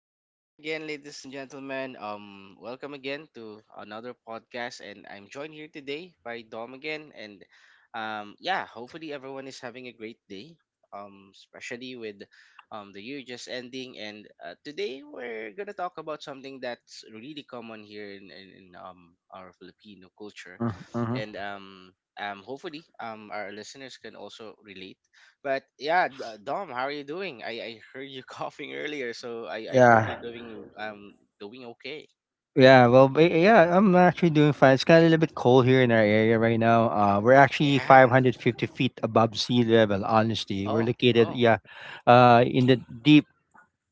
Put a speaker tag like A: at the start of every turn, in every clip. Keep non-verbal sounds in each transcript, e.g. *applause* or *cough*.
A: Good morning again, ladies and gentlemen. Welcome again to another podcast, and I'm joined here today by Dom again. And yeah, hopefully everyone is having a great day. Especially with the year just ending, and today we're gonna talk about something that's really common here in our Filipino culture,
B: Uh huh.
A: and hopefully our listeners can also relate, but yeah, Dom, how are you doing? I heard you *laughs* coughing earlier, so I hope you're
B: Yeah.
A: doing okay.
B: Yeah, I'm actually doing fine. It's kind of a little bit cold here in our area right now. We're actually
A: Yeah.
B: 550 feet above sea level, honestly. We're
A: Oh,
B: located,
A: oh,
B: yeah, uh, in the deep,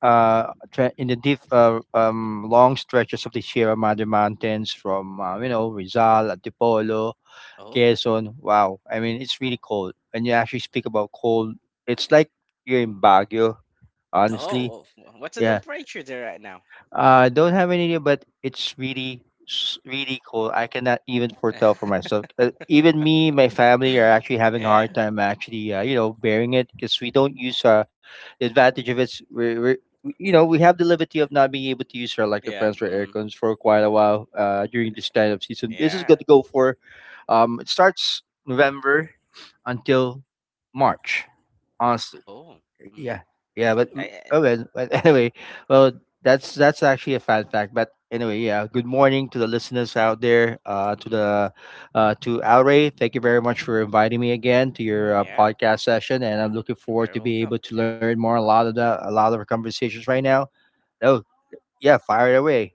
B: in the deep, long stretches of the Sierra Madre Mountains from, you know, Rizal, Antipolo,
A: oh,
B: Quezon. Wow. I mean, it's really cold. When you actually speak about cold, it's like you're in Baguio, honestly.
A: oh. What's the
B: Yeah.
A: temperature there right now?
B: I don't have any idea, but it's really cold. I cannot even foretell for myself.
A: *laughs*
B: Even me, my family are actually having a
A: yeah,
B: hard time actually, you know, bearing it because we don't use the advantage of it. We, you know, we have the liberty of not being able to use our electric
A: yeah,
B: fans or
A: mm,
B: aircons for quite a while during this time of season. This is
A: yeah.
B: going to go for, it starts November until March. Honestly.
A: Oh,
B: Yeah,
A: mm,
B: oh
A: I,
B: well. But *laughs* anyway, well, that's actually a fun fact. But anyway, yeah. Good morning to the listeners out there.
A: mm,
B: To Alray, thank you very much for inviting me again to your
A: yeah.
B: podcast session, and I'm looking forward
A: Very
B: to be
A: welcome.
B: able to
A: Yeah.
B: learn more a lot of our conversations right now. Oh, yeah, fire it away.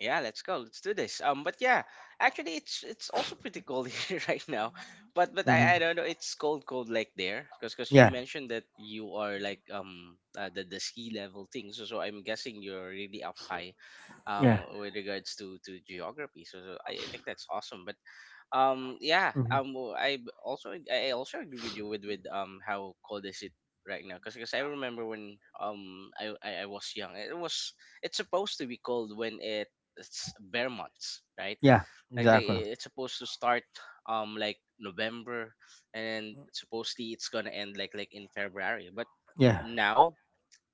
A: Yeah, let's go. Let's do this. But actually, it's also pretty cold *laughs* here right now. But I
B: Hmm.
A: don't know. It's cold, cold like there, because you
B: Yeah,
A: mentioned that you are like the ski level thing. So so I'm guessing you're really up high
B: yeah,
A: with regards to geography. So, so I think that's awesome. But um yeah
B: hmm,
A: um well, I also agree with you with how cold is it right now, because I remember when I was young it was it's supposed to be cold when it it's bare months, right?
B: yeah.
A: Like
B: Exactly.
A: they it's supposed to start like November, and then supposedly it's gonna end like in February, but
B: Yeah,
A: now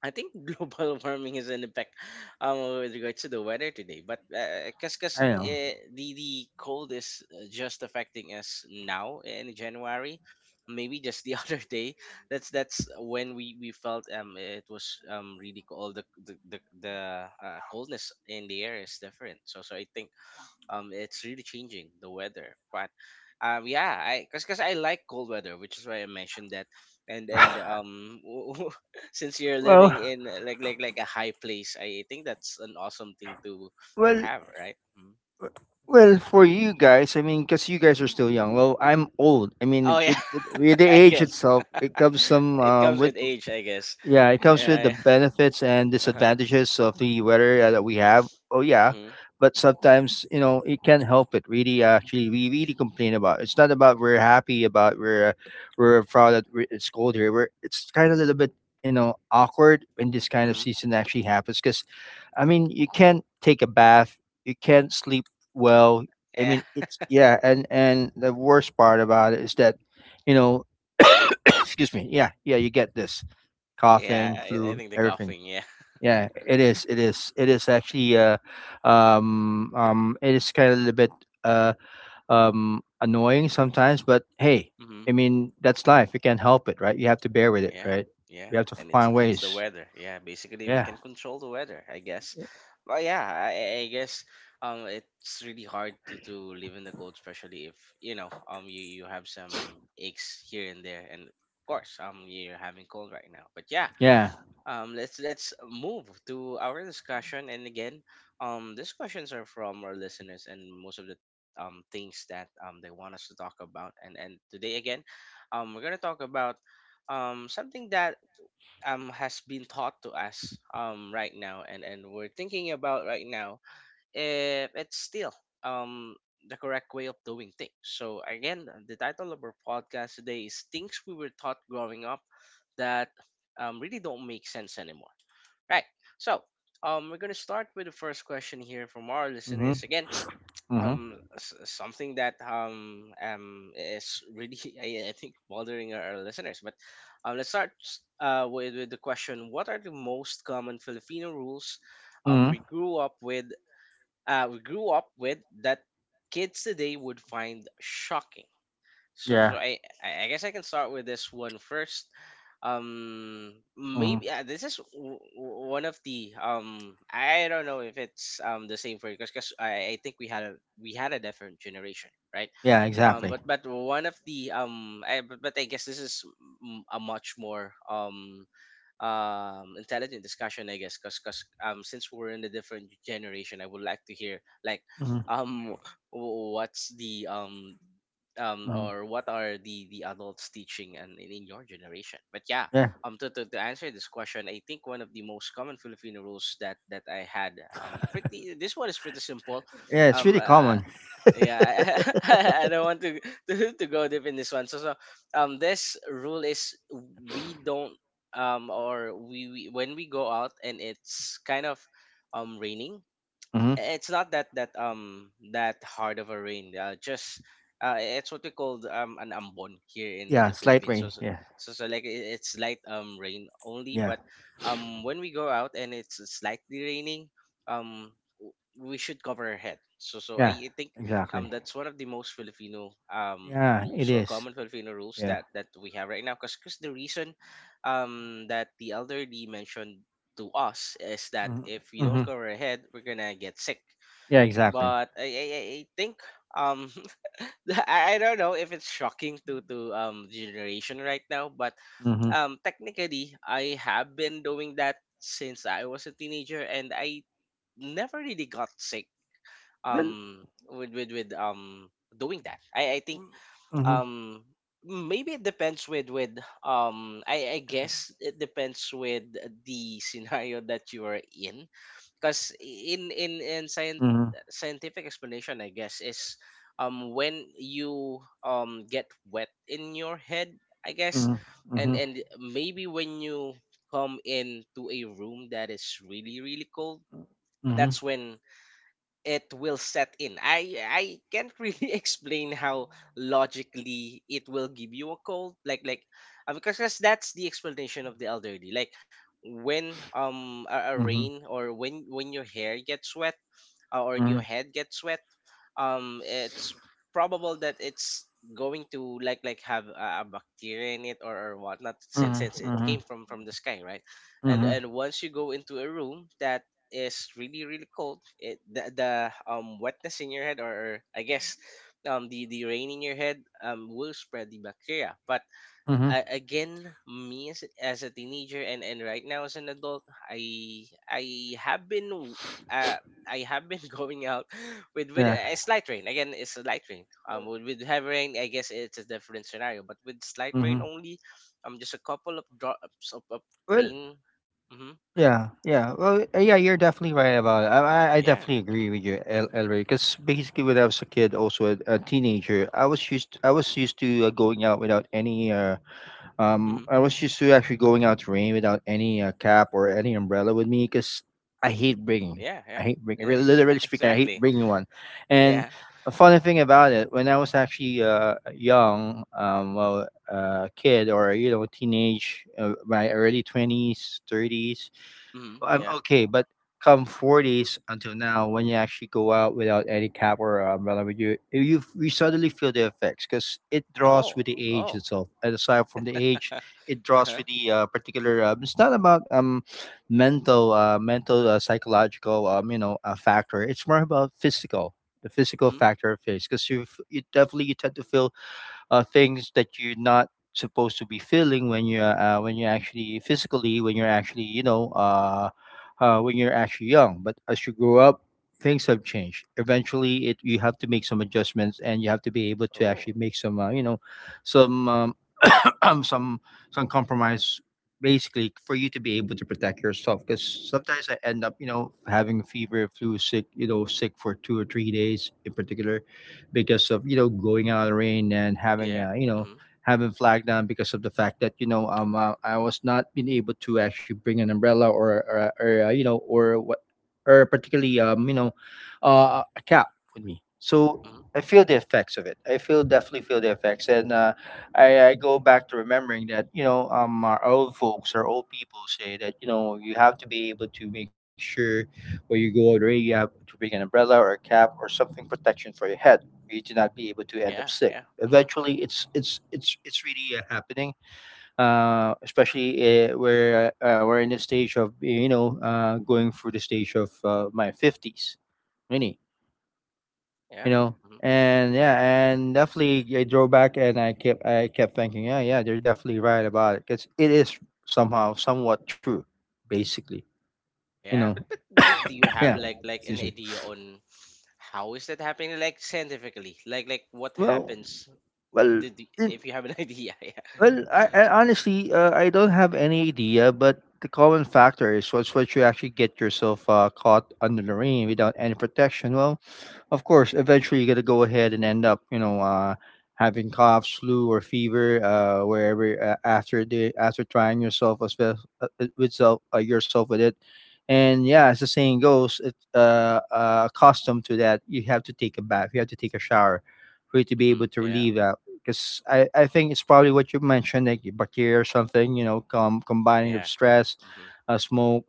A: I think *laughs* global warming is an effect with regards to the weather today, but because
B: I know.
A: the cold is just affecting us now in January, maybe just the *laughs* other day. That's when we felt it was really cold. The coldness in the air is different. So so I think it's really changing the weather, but yeah I because I like cold weather, which is why I mentioned that, and *laughs* since you're
B: Well,
A: living in like a high place, I think that's an awesome thing to
B: well,
A: have, right? Mm-hmm.
B: Well, for you guys, I mean, because you guys are
A: Mm-hmm.
B: still young. Well, I'm old. I
A: Oh
B: mean,
A: yeah.
B: with the
A: *laughs* I
B: age
A: guess
B: itself,
A: *laughs*
B: it comes some
A: it comes
B: with
A: with age, I guess.
B: yeah, it comes with the
A: Yeah.
B: benefits and
A: Uh-huh.
B: disadvantages of the weather that we have. Oh yeah,
A: Mm-hmm.
B: but sometimes you know it can't help it. Really, actually, we really complain about. It's not about we're happy about we're proud that we it's cold here. We're it's kind of a little bit you know awkward when this kind of
A: Hmm.
B: season actually happens because I mean, you can't take a bath, you can't sleep well. I
A: Yeah.
B: mean, it's
A: *laughs*
B: yeah, and the worst part about it is that, you know, excuse me, yeah, you get this
A: yeah
B: coughing,
A: I, I
B: flu,
A: think the
B: everything.
A: coughing, yeah.
B: Yeah, it is actually it is kind of a little bit uh, annoying sometimes, but hey,
A: Hmm.
B: I mean, that's life. You can't help it, right? You have to bear with it,
A: Yeah,
B: right? You
A: yeah,
B: have to
A: and
B: find
A: it's the
B: ways.
A: weather. Yeah, basically
B: Yeah,
A: we can control the weather, I guess. But yeah, I I guess it's really hard to live in the cold, especially if you know you you have some aches here and there, and of course you're having cold right now.
B: yeah.
A: Let's move to our discussion. And again, these questions are from our listeners, and most of the things that they want us to talk about. And today again, we're gonna talk about something that has been taught to us right now, and we're thinking about right now it's still um the correct way of doing things. So again, the title of our podcast today is "Things We Were Taught Growing Up That Really Don't Make Sense Anymore." Right. So we're gonna start with the first question here from our
B: Mm-hmm.
A: listeners again.
B: Mm-hmm.
A: Something that is really *laughs* I think bothering our listeners, but let's start with the question: what are the most common Filipino rules
B: Mm-hmm.
A: we grew up with that kids today would find shocking. So,
B: Yeah.
A: so I I guess I can start with this one first.
B: Mm-hmm.
A: Maybe this is one of the. I don't know if it's the same for you, because I think we had a different generation, right?
B: Yeah,
A: Um,
B: exactly.
A: but but one of the I, but I guess this is a much more intelligent discussion, I guess, because since we're in a different generation, I would like to hear like
B: Hmm.
A: um what's the
B: Hmm.
A: or what are the adults teaching and in your generation. But yeah,
B: Yeah,
A: to answer this question, I think one of the most common Filipino rules that that I had pretty this one is pretty simple.
B: yeah, it's
A: um
B: really
A: uh,
B: common. *laughs*
A: yeah, *laughs* I don't want to, *laughs* to go deep in this one. So, so this rule is we don't or we when we go out and it's kind of raining,
B: Hmm.
A: it's not that that that hard of a rain. Just it's what we call an ambon here in
B: Yeah,
A: the
B: slight
A: Philippines. So
B: rain.
A: so
B: Yeah,
A: so, so like it's light rain only,
B: yeah,
A: but when we go out and it's slightly raining, we should cover our head. So so
B: yeah,
A: I think
B: exactly.
A: that's one of the most Filipino
B: Yeah, it
A: rules or
B: is.
A: common Filipino rules
B: Yeah.
A: that that we have right now. Cause, 'cause the reason that the elderly mentioned to us is that if we
B: Mm-hmm.
A: don't cover our head, we're gonna get sick.
B: Yeah, exactly.
A: But I I think um *laughs* I don't know if it's shocking to generation right now, but
B: Mm-hmm.
A: technically I have been doing that since I was a teenager, and I never really got sick
B: Well.
A: um with doing that. I think
B: Mm-hmm.
A: um maybe it depends with I guess it depends with the scenario that you are in, because in
B: Mm-hmm.
A: scientific explanation I guess is when you get wet in your head, I guess,
B: Mm-hmm. Mm-hmm.
A: and maybe when you come into a room that is really really cold,
B: Mm-hmm.
A: that's when it will set in. I can't really *laughs* explain how logically it will give you a cold. Like because that's the explanation of the elderly. Like when a
B: Mm-hmm.
A: rain or when your hair gets wet or your head gets wet, it's probable that it's going to like have a bacteria in it or whatnot, since it came
B: Mm-hmm.
A: from the sky, right? and
B: Mm-hmm.
A: and once you go into a room that is really really cold, it, the wetness in your head or, I guess the rain in your head will spread the bacteria, but
B: Mm-hmm.
A: again, me as, as a teenager and right now as an adult, i have been uh I have been *laughs* going out with
B: Yeah.
A: a slight rain. Again, it's a light rain. With heavy rain, I guess it's a different scenario. But with slight rain
B: Mm-hmm.
A: only, just a couple of drops of
B: Well.
A: rain. Mm-hmm.
B: Yeah, you're definitely right about it. I
A: Yeah.
B: definitely
A: Mm-hmm.
B: agree with you, El Elray. Because basically, when I was a kid, also a teenager, I was used to going out without any.
A: Mm-hmm.
B: I was used to actually going out to rain without any cap or any umbrella with me because I hate bringing.
A: Yeah,
B: I
A: yeah.
B: hate bringing. Really,
A: *laughs* Yeah,
B: literally speaking, I hate
A: exactly.
B: bringing one. And
A: Yeah.
B: a funny thing about it, when I was actually young, kid or you know, teenage, my early 20s, thirties
A: Mhm,
B: I'm
A: yeah.
B: okay, but come 40s until now, when you actually go out without any cap or umbrella with you, you suddenly feel the effects because it draws
A: Oh.
B: with the age
A: Oh.
B: itself. And aside from the age, it
A: *laughs*
B: draws
A: uh-huh.
B: with the particular. It's not about mental, mental psychological you know factor. It's more about physical. The physical
A: Mhm.
B: factor of face, because you definitely you tend to feel things that you're not supposed to be feeling when you're actually you know when you're actually young. But as you grow up, things have changed. Eventually, it you have to make some adjustments and you have to be able to
A: Oh.
B: actually make some you know some *clears throat* some some compromise basically for you to be able to protect yourself because sometimes I end up you know having fever flu sick you know sick for 2 or 3 days in particular because of you know going out in the rain and having
A: Yeah.
B: a you know
A: Mhm.
B: having flag down because of the fact that you know I was not being able to actually bring an umbrella or you know or what or particularly you know a cap with me so
A: Mhm.
B: I feel the effects of it I feel definitely feel the effects and I go back to remembering that you know our old folks our old people say that you know you have to be able to make sure when you go out there you have to bring an umbrella or a cap or something protection for your head for you to not be able to end up
A: Yeah,
B: sick
A: yeah. Mhm.
B: eventually it's really happening especially where we're in the stage of you know going through the stage of my 50s really you
A: Yeah.
B: know
A: Mhm.
B: and yeah and definitely yeah, I drove back and I kept thinking yeah yeah they're definitely right about it because it is somehow somewhat true basically you
A: Yeah,
B: know
A: but do, do you
B: *coughs*
A: have
B: yeah.
A: like an
B: Excuse me.
A: idea on how is that happening, like scientifically? Like what
B: well
A: happens
B: well
A: did
B: it,
A: if you have an *laughs* idea, yeah. *laughs*
B: I honestly I don't have any idea but the common factor is what's what you actually get yourself caught under the rain without any protection well. Of course, eventually you're gonna go ahead and end up, you know, having coughs, flu, or fever, wherever after trying yourself as well, with self yourself with it, and yeah, as the saying goes, it's accustomed to that. You have to take a bath. You have to take a shower for you to be able
A: Mhm.
B: to
A: Yeah.
B: relieve that. Because I think it's probably what you mentioned, like bacteria or something, you know, combining of
A: Yeah, yeah.
B: stress,
A: Mhm.
B: smoke,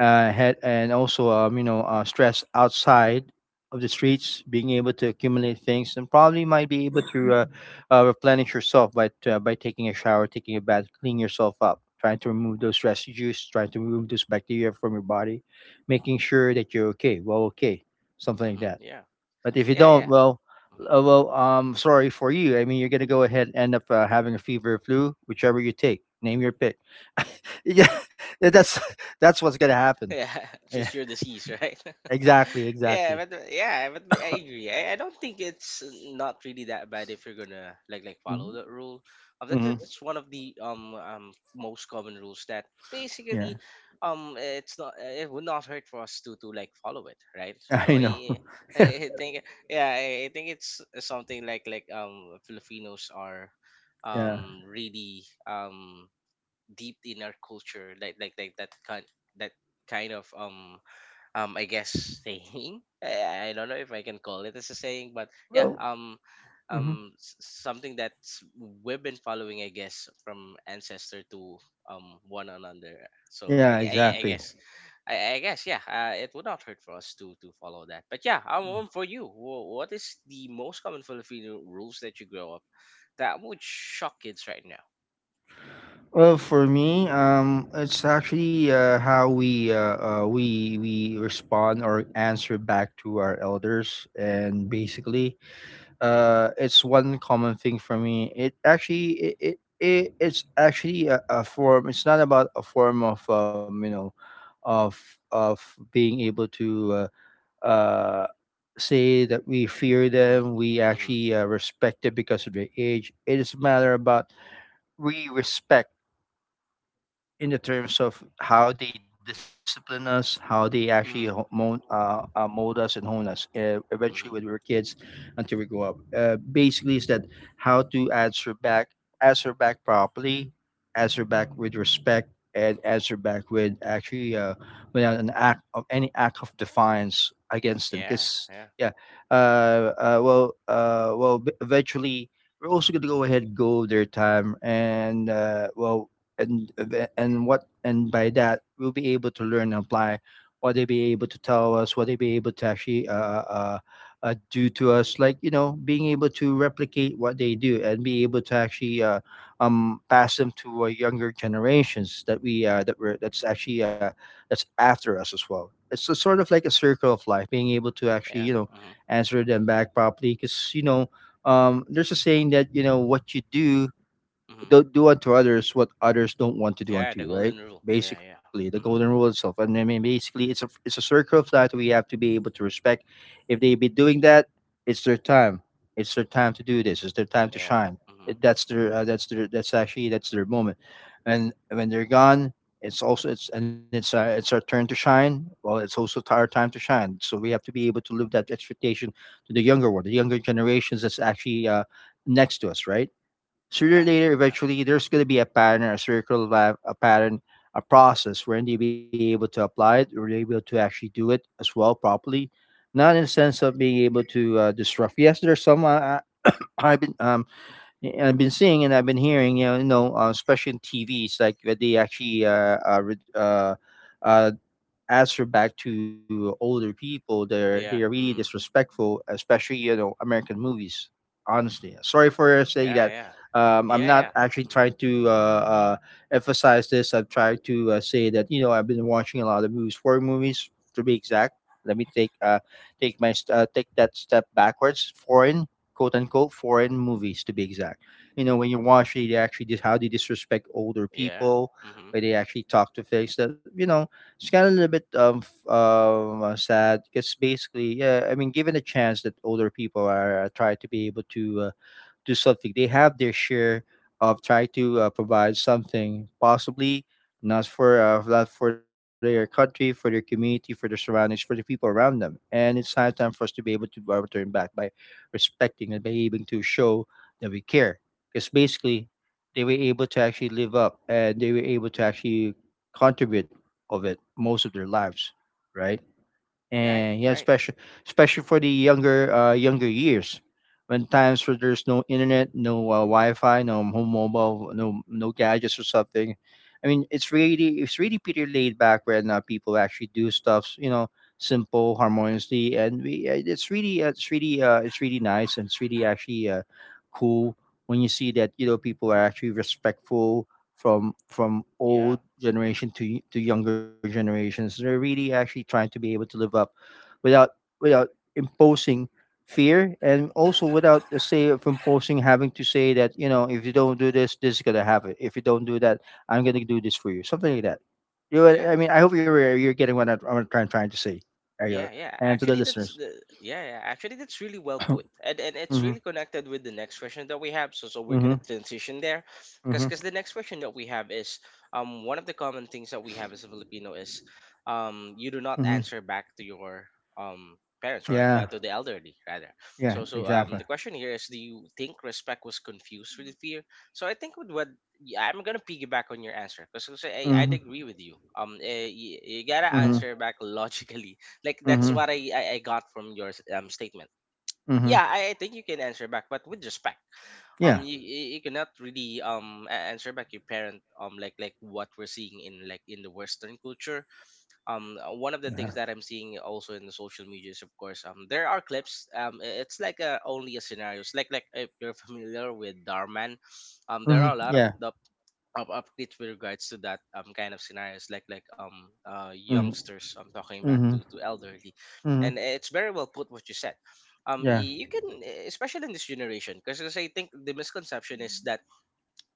B: had and also you know stress outside of the streets, being able to accumulate things, and probably might be able to replenish yourself by taking a shower, taking a bath, clean yourself up, trying to remove those residues, trying to remove those bacteria from your body, making sure that you're okay, well okay, something like
A: Mhm.
B: that.
A: Yeah.
B: But if you
A: Yeah,
B: don't,
A: yeah.
B: well.
A: Mm-hmm.
B: Sorry for you. I mean, you're gonna go ahead and end up having a fever, or flu, whichever you take. Name your pick. *laughs* Yeah, that's that's what's gonna happen.
A: Yeah, *laughs* choose your
B: *laughs*
A: disease, right? *laughs* yeah,
B: Exactly.
A: but uh, yeah, but, but I agree. I don't think it's not really that bad if you're gonna like
B: Mm-hmm.
A: follow that rule. That's one of the most common rules that
B: Yeah,
A: basically it's not it would not hurt for us to like follow it, right?
B: *laughs*
A: So so
B: I know.
A: I *laughs*
B: *laughs*
A: I think, yeah, I think it's something like Filipinos are
B: Yeah.
A: really deep in our culture, like that kind of I guess saying, *laughs* I don't know if I can call it as a saying, but yeah,
B: Well. Hmm.
A: s- something that we've been following, I guess, from ancestor to one another, so
B: Yeah,
A: I
B: exactly.
A: guess I guess yeah it would not hurt for us to follow that. But yeah,
B: Mm.
A: for you, what is the most common Filipino rules that you grow up that would shock kids right now?
B: Well, for me, it's actually how we respond or answer back to our elders, and basically,
A: Mm-hmm.
B: it's one common thing for me. It's actually a form it's not about a form of you know of of being able to uh, say that we fear
A: Mm-hmm.
B: them. We
A: Mm-hmm.
B: actually respect them because of their age. It is a matter about we respect in the terms of how they discipline us, how they actually
A: Mm-hmm.
B: mold us and hone us eventually when we
A: Hmm.
B: were kids until we grow up. Basically, is that how to answer back properly, answer back with respect, and answer back with actually without an act of any act of defiance against them.
A: Yeah,
B: Because
A: yeah,
B: yeah, uh, well, eventually we're also going to go ahead go their time and and and what and by that we'll be able to learn and apply what they be able to tell us what they be able to actually uh, do to us like you know being able to replicate what they do and be able to actually pass them to younger generations that we're that's actually that's after us as well it's a sort of like a circle of life being able to actually you
A: yeah.
B: know
A: Hmm.
B: answer them back properly because you know there's a saying that you know what you do
A: Hmm.
B: don't do unto others what others don't want to do
A: Yeah,
B: unto you,
A: the
B: right?
A: golden rule. Yeah,
B: Basically,
A: yeah.
B: the golden rule
A: Hmm.
B: itself, and I mean, basically, it's a circle of life that we have to be able to respect. If they be doing that, it's their time. It's their time to do this. It's their time to
A: Yeah.
B: shine.
A: Hmm.
B: That's their moment, and when they're gone, it's also it's and it's it's our turn to shine. Well, it's also our time to shine. So we have to be able to live that expectation to the younger one, the younger generations that's actually next to us, right? Sooner or
A: Yeah,
B: later,
A: yeah,
B: eventually, there's going to be a pattern, a circle, a pattern, a process where they be able to apply it, or they be able to actually do it as well properly. Not in the sense of being able to disrupt. Yes, there's some I- *coughs* I've been um I've been seeing, and I've been hearing, especially in TVs, like where they actually uh answer back to older people. They are really
A: yeah. Hmm.
B: disrespectful, especially American movies. Honestly, sorry for saying
A: Yeah,
B: that.
A: yeah,
B: I'm
A: yeah,
B: not
A: yeah.
B: actually
A: Hmm.
B: trying to emphasize this. I'm trying to say that I've been watching a lot of movies, four movies to be exact. Let me take take my st- take that step backwards. Foreign, quote unquote, foreign movies to be exact. You know, when you watch it, how they disrespect older
A: Yeah.
B: people,
A: Hmm.
B: where they actually talk to face that it's kinda a little bit sad, because basically, yeah, I mean, given the chance that older people are try to be able to do something. They have their share of trying to provide something, possibly not for their country, for their community, for their surroundings, for the people around them. And it's high time for us to be able to return back by respecting and behaving to show that we care. Because basically, they were able to actually live up, and they were able to actually contribute of it most of their lives, right?
A: Yeah.
B: And yeah,
A: Right.
B: especially for the younger younger years, when times where there's no internet, no Wi-Fi, no home mobile, no gadgets or something. I mean, it's really pretty laid back when people actually do stuff, you know, simple, harmoniously, and we it's really it's really it's really nice, and it's really actually cool when you see that people are actually respectful from
A: Yeah.
B: old
A: Hmm.
B: generation to younger generations. They're really actually trying to be able to live up without, without imposing fear, and also without the say of imposing, having to say that, you know, if you don't do this, this is gonna happen. If you don't do that, I'm gonna do this for you, something like that. You know what
A: Yeah.
B: I mean? I hope you're getting what I'm trying to say, Ariel,
A: Yeah, yeah.
B: and to the
A: Actually, that's
B: listeners.
A: the yeah, yeah. Actually, that's really well put, and it's
B: Mm-hmm.
A: really connected with the next question that we have. So so we're
B: Mm-hmm.
A: gonna transition there,
B: Mm-hmm.
A: because the next question that we have is one of the common things that we have as a Filipino is you do not
B: Mm-hmm.
A: answer back to your parents or
B: Yeah,
A: to the elderly rather.
B: yeah,
A: So so
B: exactly.
A: the question here is, do you think respect was confused with fear? So I think with what yeah, I'm gonna piggyback on your answer because I'd
B: Mm-hmm.
A: agree with you. You gotta
B: Mm-hmm.
A: answer back logically, like that's
B: Mm-hmm.
A: what I got from your statement.
B: Mm-hmm.
A: Yeah, I think you can answer back, but with respect. Um,
B: Yeah,
A: you, you you cannot really answer back your parent, like what we're seeing in, like, in the Western culture. One of the
B: yeah.
A: things that I'm seeing also in the social media is, of course, there are clips, it's like a, only a scenarios, like if you're familiar with Darman, there
B: Mm-hmm.
A: are a lot of
B: Yeah.
A: the up updates with regards to that kind of scenarios, like
B: Mm-hmm.
A: youngsters I'm talking back
B: Mm-hmm.
A: to elderly, and
B: Mm-hmm.
A: it's very well put what you said.
B: Yeah,
A: You can, especially in this generation, because I think the misconception is that,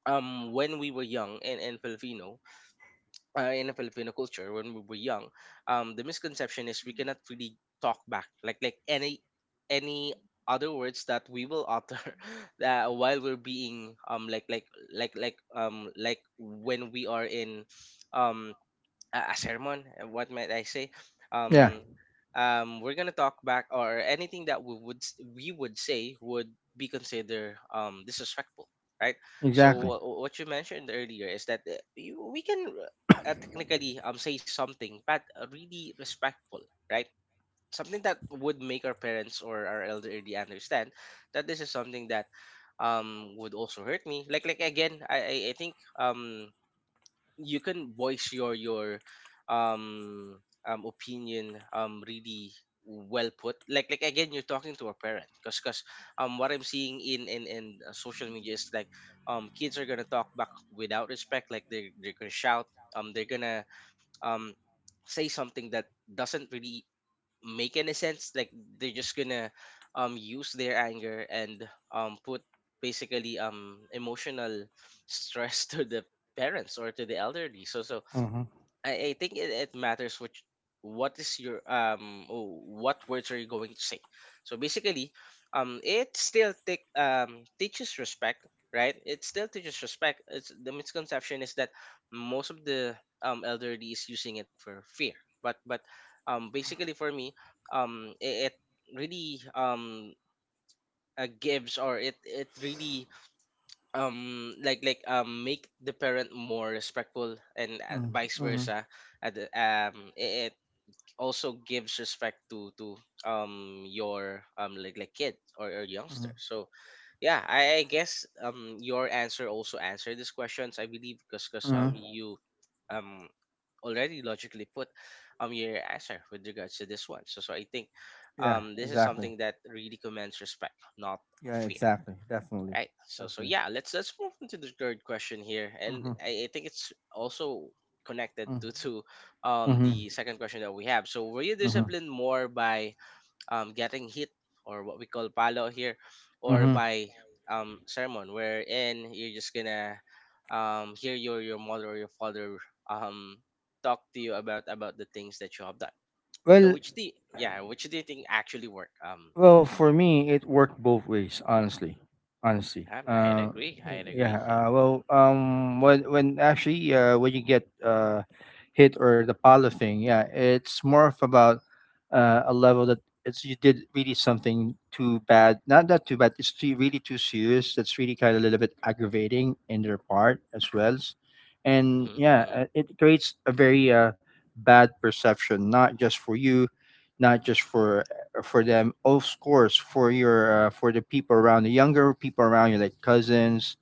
A: when we were young in Filipino, in a Filipino culture, when we were young, the misconception is we cannot really talk back, like any other words that we will utter *laughs* that, while we're being like when we are in um a sermon, what might I say,
B: yeah,
A: um we're gonna talk back, or anything that we would we would say would be considered disrespectful, right? So
B: exactly.
A: what you mentioned earlier is that, we can technically say something but, really respectful, right? Something that would make our parents or our elderly understand that this is something that would also hurt me, like again, I think you can voice your um opinion really well put, like again, you're talking to a parent, because what I'm seeing in social media is like kids are gonna talk back without respect, like they're gonna shout, they're gonna um say something that doesn't really make any sense, like they're just gonna use their anger and put basically emotional stress *laughs* to the parents or to the elderly. So so
B: Mm-hmm.
A: I think it matters which, what is your what words are you going to say. So basically, it still take teaches respect, right? It still teaches respect. It's the misconception is that most of the elderly is using it for fear, but basically for me, it really gives, or it really make the parent more respectful, and vice
B: Mm-hmm.
A: versa. It also gives respect to your like kid, or youngster.
B: Hmm.
A: So yeah, I guess your answer also answered these questions, I believe, because
B: Hmm.
A: you um already logically put your answer with regards to this one. So so I think
B: Yeah,
A: this is
B: exactly.
A: something that really commands respect, not
B: Yeah,
A: fear.
B: exactly. Definitely.
A: Right. So so
B: Definitely.
A: yeah, let's move on to the third question here, and
B: Mm-hmm.
A: I think it's also connected to
B: Mm-hmm. Mm-hmm.
A: the second question that we have. So, were you
B: Mm-hmm.
A: disciplined more by getting hit, or what we call palo here, or
B: Mm-hmm.
A: by sermon, wherein you're just gonna hear your mother or your father um talk to you about the things that you have done? So
B: Well,
A: which the yeah, which do you think actually work?
B: Well, for me, it worked both ways, honestly. Honestly.
A: I I agree. I
B: Yeah.
A: agree. Yeah.
B: Well, when you get hit, or the pala thing, yeah, it's more of about a level that it's you did really something too bad. Not that too bad. It's too, really too serious. That's really kind of a little bit aggravating in their part as well. And
A: Mm-hmm.
B: yeah,
A: Mm-hmm.
B: it creates a very bad perception, not just for you, not just for them, of course, for your for the people around, the younger people around you, like cousins,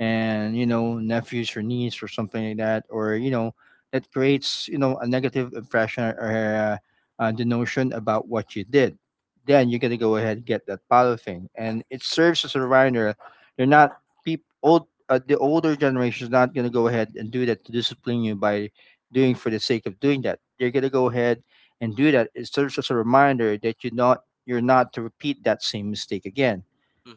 B: and, you know, nephews or niece or something like that, or, you know, that creates, you know, a negative impression, or the notion about what you did. Then you're gonna go ahead and get that polythene, and it serves as a reminder. They are not peop old the older generation is not gonna go ahead and do that to discipline you by doing for the sake of doing that. They're gonna go ahead and do that. It serves as a reminder that you're not to repeat that same mistake again,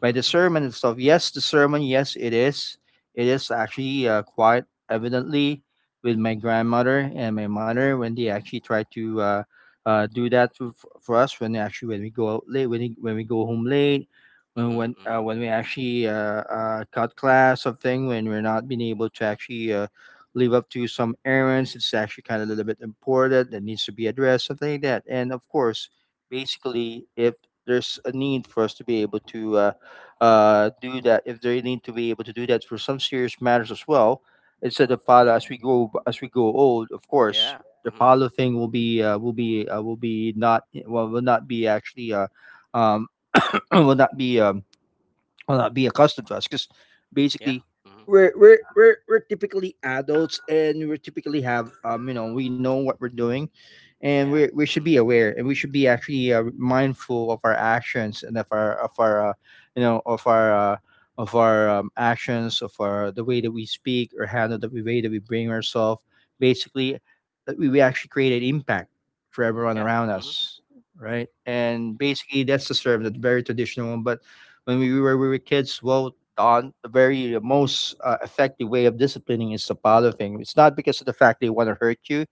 B: by the sermon itself. Yes, the sermon, yes, it is. It is actually quite evidently with my grandmother and my mother when they actually try to do that to, for us, when they actually, when we go out late, when when we go home late,
A: Mhm, mhm.
B: when we actually cut class, something, when we're not being able to actually live up to some errands, it's actually kind of a little bit important that needs to be addressed, something like that. And of course, basically, if there's a need for us to be able to do that, if they need to be able to do that for some serious matters as well, instead of follow, as we go, as we go old, of course,
A: Yeah.
B: the
A: mhm.
B: palo thing will be not, well, will not be actually um, *coughs* *clears throat* will not be well, not be accustomed to us, because
A: Yeah.
B: basically,
A: Mhm.
B: we're typically adults, and we typically have you know, we know what we're doing, and we
A: Yeah.
B: we should
A: Mhm.
B: be aware, and we should be actually mindful of our actions, and of our you know, of our actions, of our the way that we speak or handle, the way that we bring ourselves, basically, that we actually create an impact for everyone
A: Yeah.
B: around
A: Mhm.
B: us, right? And basically, that's the serve, that's very traditional. But when we were kids, well, on the very most effective way of disciplining is the follow thing. It's not because of the fact they want to hurt you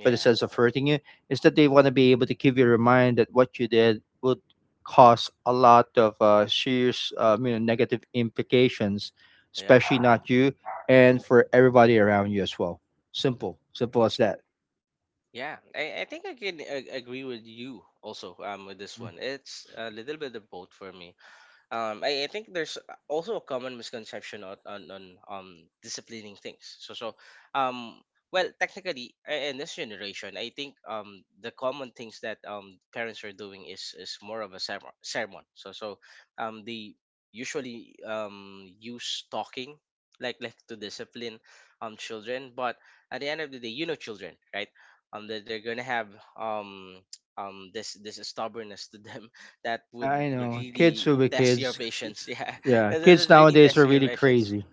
B: for the
A: Yeah.
B: sense of
A: Mhm.
B: hurting you, it's that they want to be able to keep you remind that what you did would cause a lot of serious you know, negative implications,
A: Yeah.
B: especially
A: Mhm.
B: not you, and for everybody around you as well. Simple, simple as that.
A: Yeah. I think I can agree with you also with this one. It's a little bit of both for me. I think there's also a common misconception on disciplining things. So, so um, well, technically, in this generation, I think the common things that parents are doing is more of a sermon. So, so they usually use talking like to discipline children, but at the end of the day, you know children, right? That they're gonna have um this this stubbornness to them that
B: Yeah,
A: would
B: I know. Kids
A: really
B: will be
A: test your
B: kids.
A: patience. *laughs* Yeah,
B: Yeah,
A: that that
B: kids
A: would really
B: nowadays are
A: test your
B: really
A: patience.
B: crazy.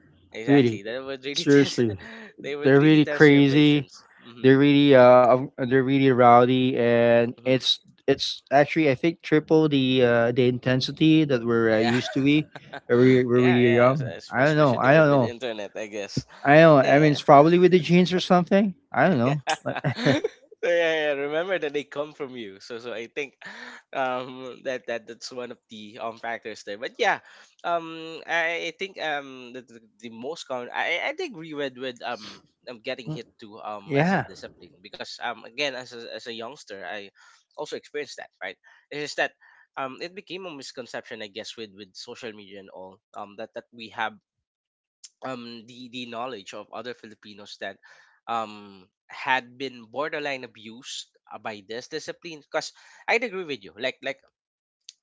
B: Really,
A: Exactly, that would really *laughs* test.
B: seriously.
A: They would
B: They're
A: really
B: really
A: test your
B: crazy.
A: patience. Hmm.
B: They're really rowdy, and
A: Hmm.
B: it's actually, I think, triple the intensity that we're
A: Yeah,
B: used to be when
A: *laughs* yeah,
B: we were
A: yeah.
B: young. I don't know.
A: Especially
B: I don't
A: with
B: know.
A: internet, I guess.
B: I don't. I mean, it's
A: Yeah.
B: probably with the genes or something. I don't
A: *laughs*
B: know.
A: Yeah.
B: *laughs*
A: *laughs* So, yeah, yeah, remember that they come from you. So so I think that that that's one of the factors there. But yeah, I think the most common, I agree with getting
B: Mm,
A: hit to as a
B: yeah.
A: discipline, because again, as a youngster, I also experienced that, right. It's just that it became a misconception, I guess, with social media and all, that that we have the knowledge of other Filipinos that had been borderline abused by this discipline, because I'd agree with you, like like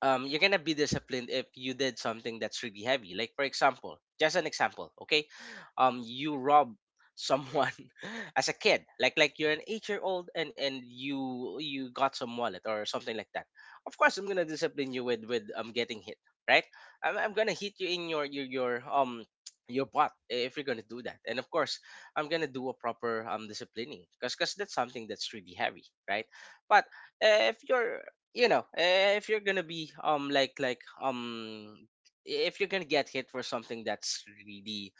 A: um, you're gonna be disciplined if you did something that's really heavy. Like for example, just an example, okay? You rob someone *laughs* as a kid, like you're an 8 year old, and you got some wallet or something like that. Of course, I'm gonna discipline you with getting hit, right? I'm gonna hit you in your *tsk* your butt if you're gonna do that, and of course I'm gonna do a proper disciplining, because that's something that's really heavy, right? But if you're, you know, if you're gonna be um if you're gonna get hit for something that's really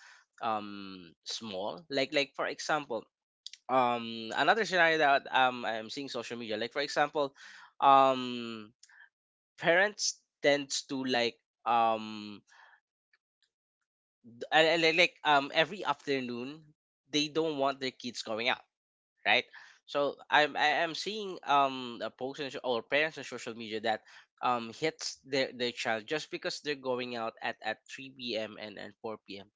A: small, like for example another scenario that I'm seeing social media, like for example, um parents tends to like um every afternoon they don't want their kids going out, right? So I'm I am seeing a post in, or parents on social media that hits their child just because they're going out at 3 p.m. And 4 p.m.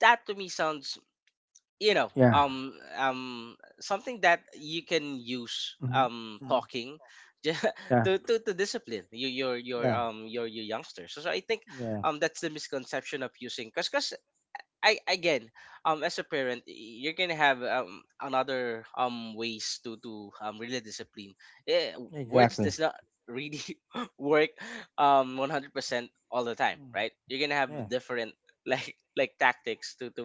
A: That to me sounds, you know,
B: Yeah.
A: something that you can use
B: Mhm, mm,
A: talking *laughs* ju-
B: yeah.
A: to discipline
B: Yeah.
A: your youngsters. So, so I think
B: Yeah,
A: that's the misconception of using, because I again, as a parent, you're gonna have another ways to really discipline. Eh, words
B: exactly.
A: does not really *laughs* work 100% all the time,
B: Mm,
A: right? You're gonna have
B: yeah.
A: different, like *laughs* like, tactics to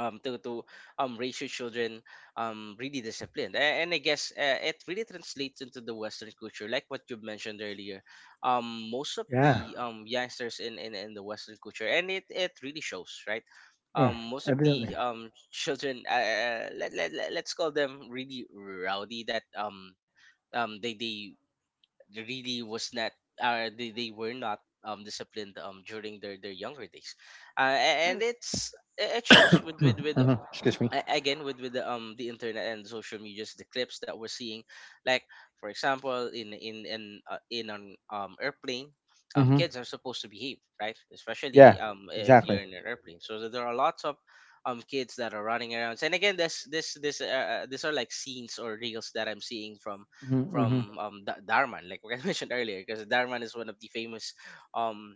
A: um to to raise your children really disciplined. And, I guess it really translates into the Western culture, like what you mentioned earlier. Most of
B: Yeah.
A: the youngsters in the Western culture, and it really shows, right?
B: Yeah.
A: Most of the
B: Evidently.
A: *laughs* children, let's call them really rowdy, that they really was not, they were not disciplined during their younger days. And it's, it shows
B: *clears throat*
A: with
B: Mhm. Excuse me.
A: again with the internet and social medias, the clips that we're seeing, like for example in an airplane.
B: Hmm.
A: Kids are supposed to behave, right, especially
B: Yeah,
A: if
B: exactly.
A: you're in an airplane. So there are lots of kids that are running around, and again, this these are like scenes or reels that I'm seeing
B: Mm-hmm. Mm-hmm.
A: from darman, like *laughs* we mentioned earlier, because darman is one of the famous um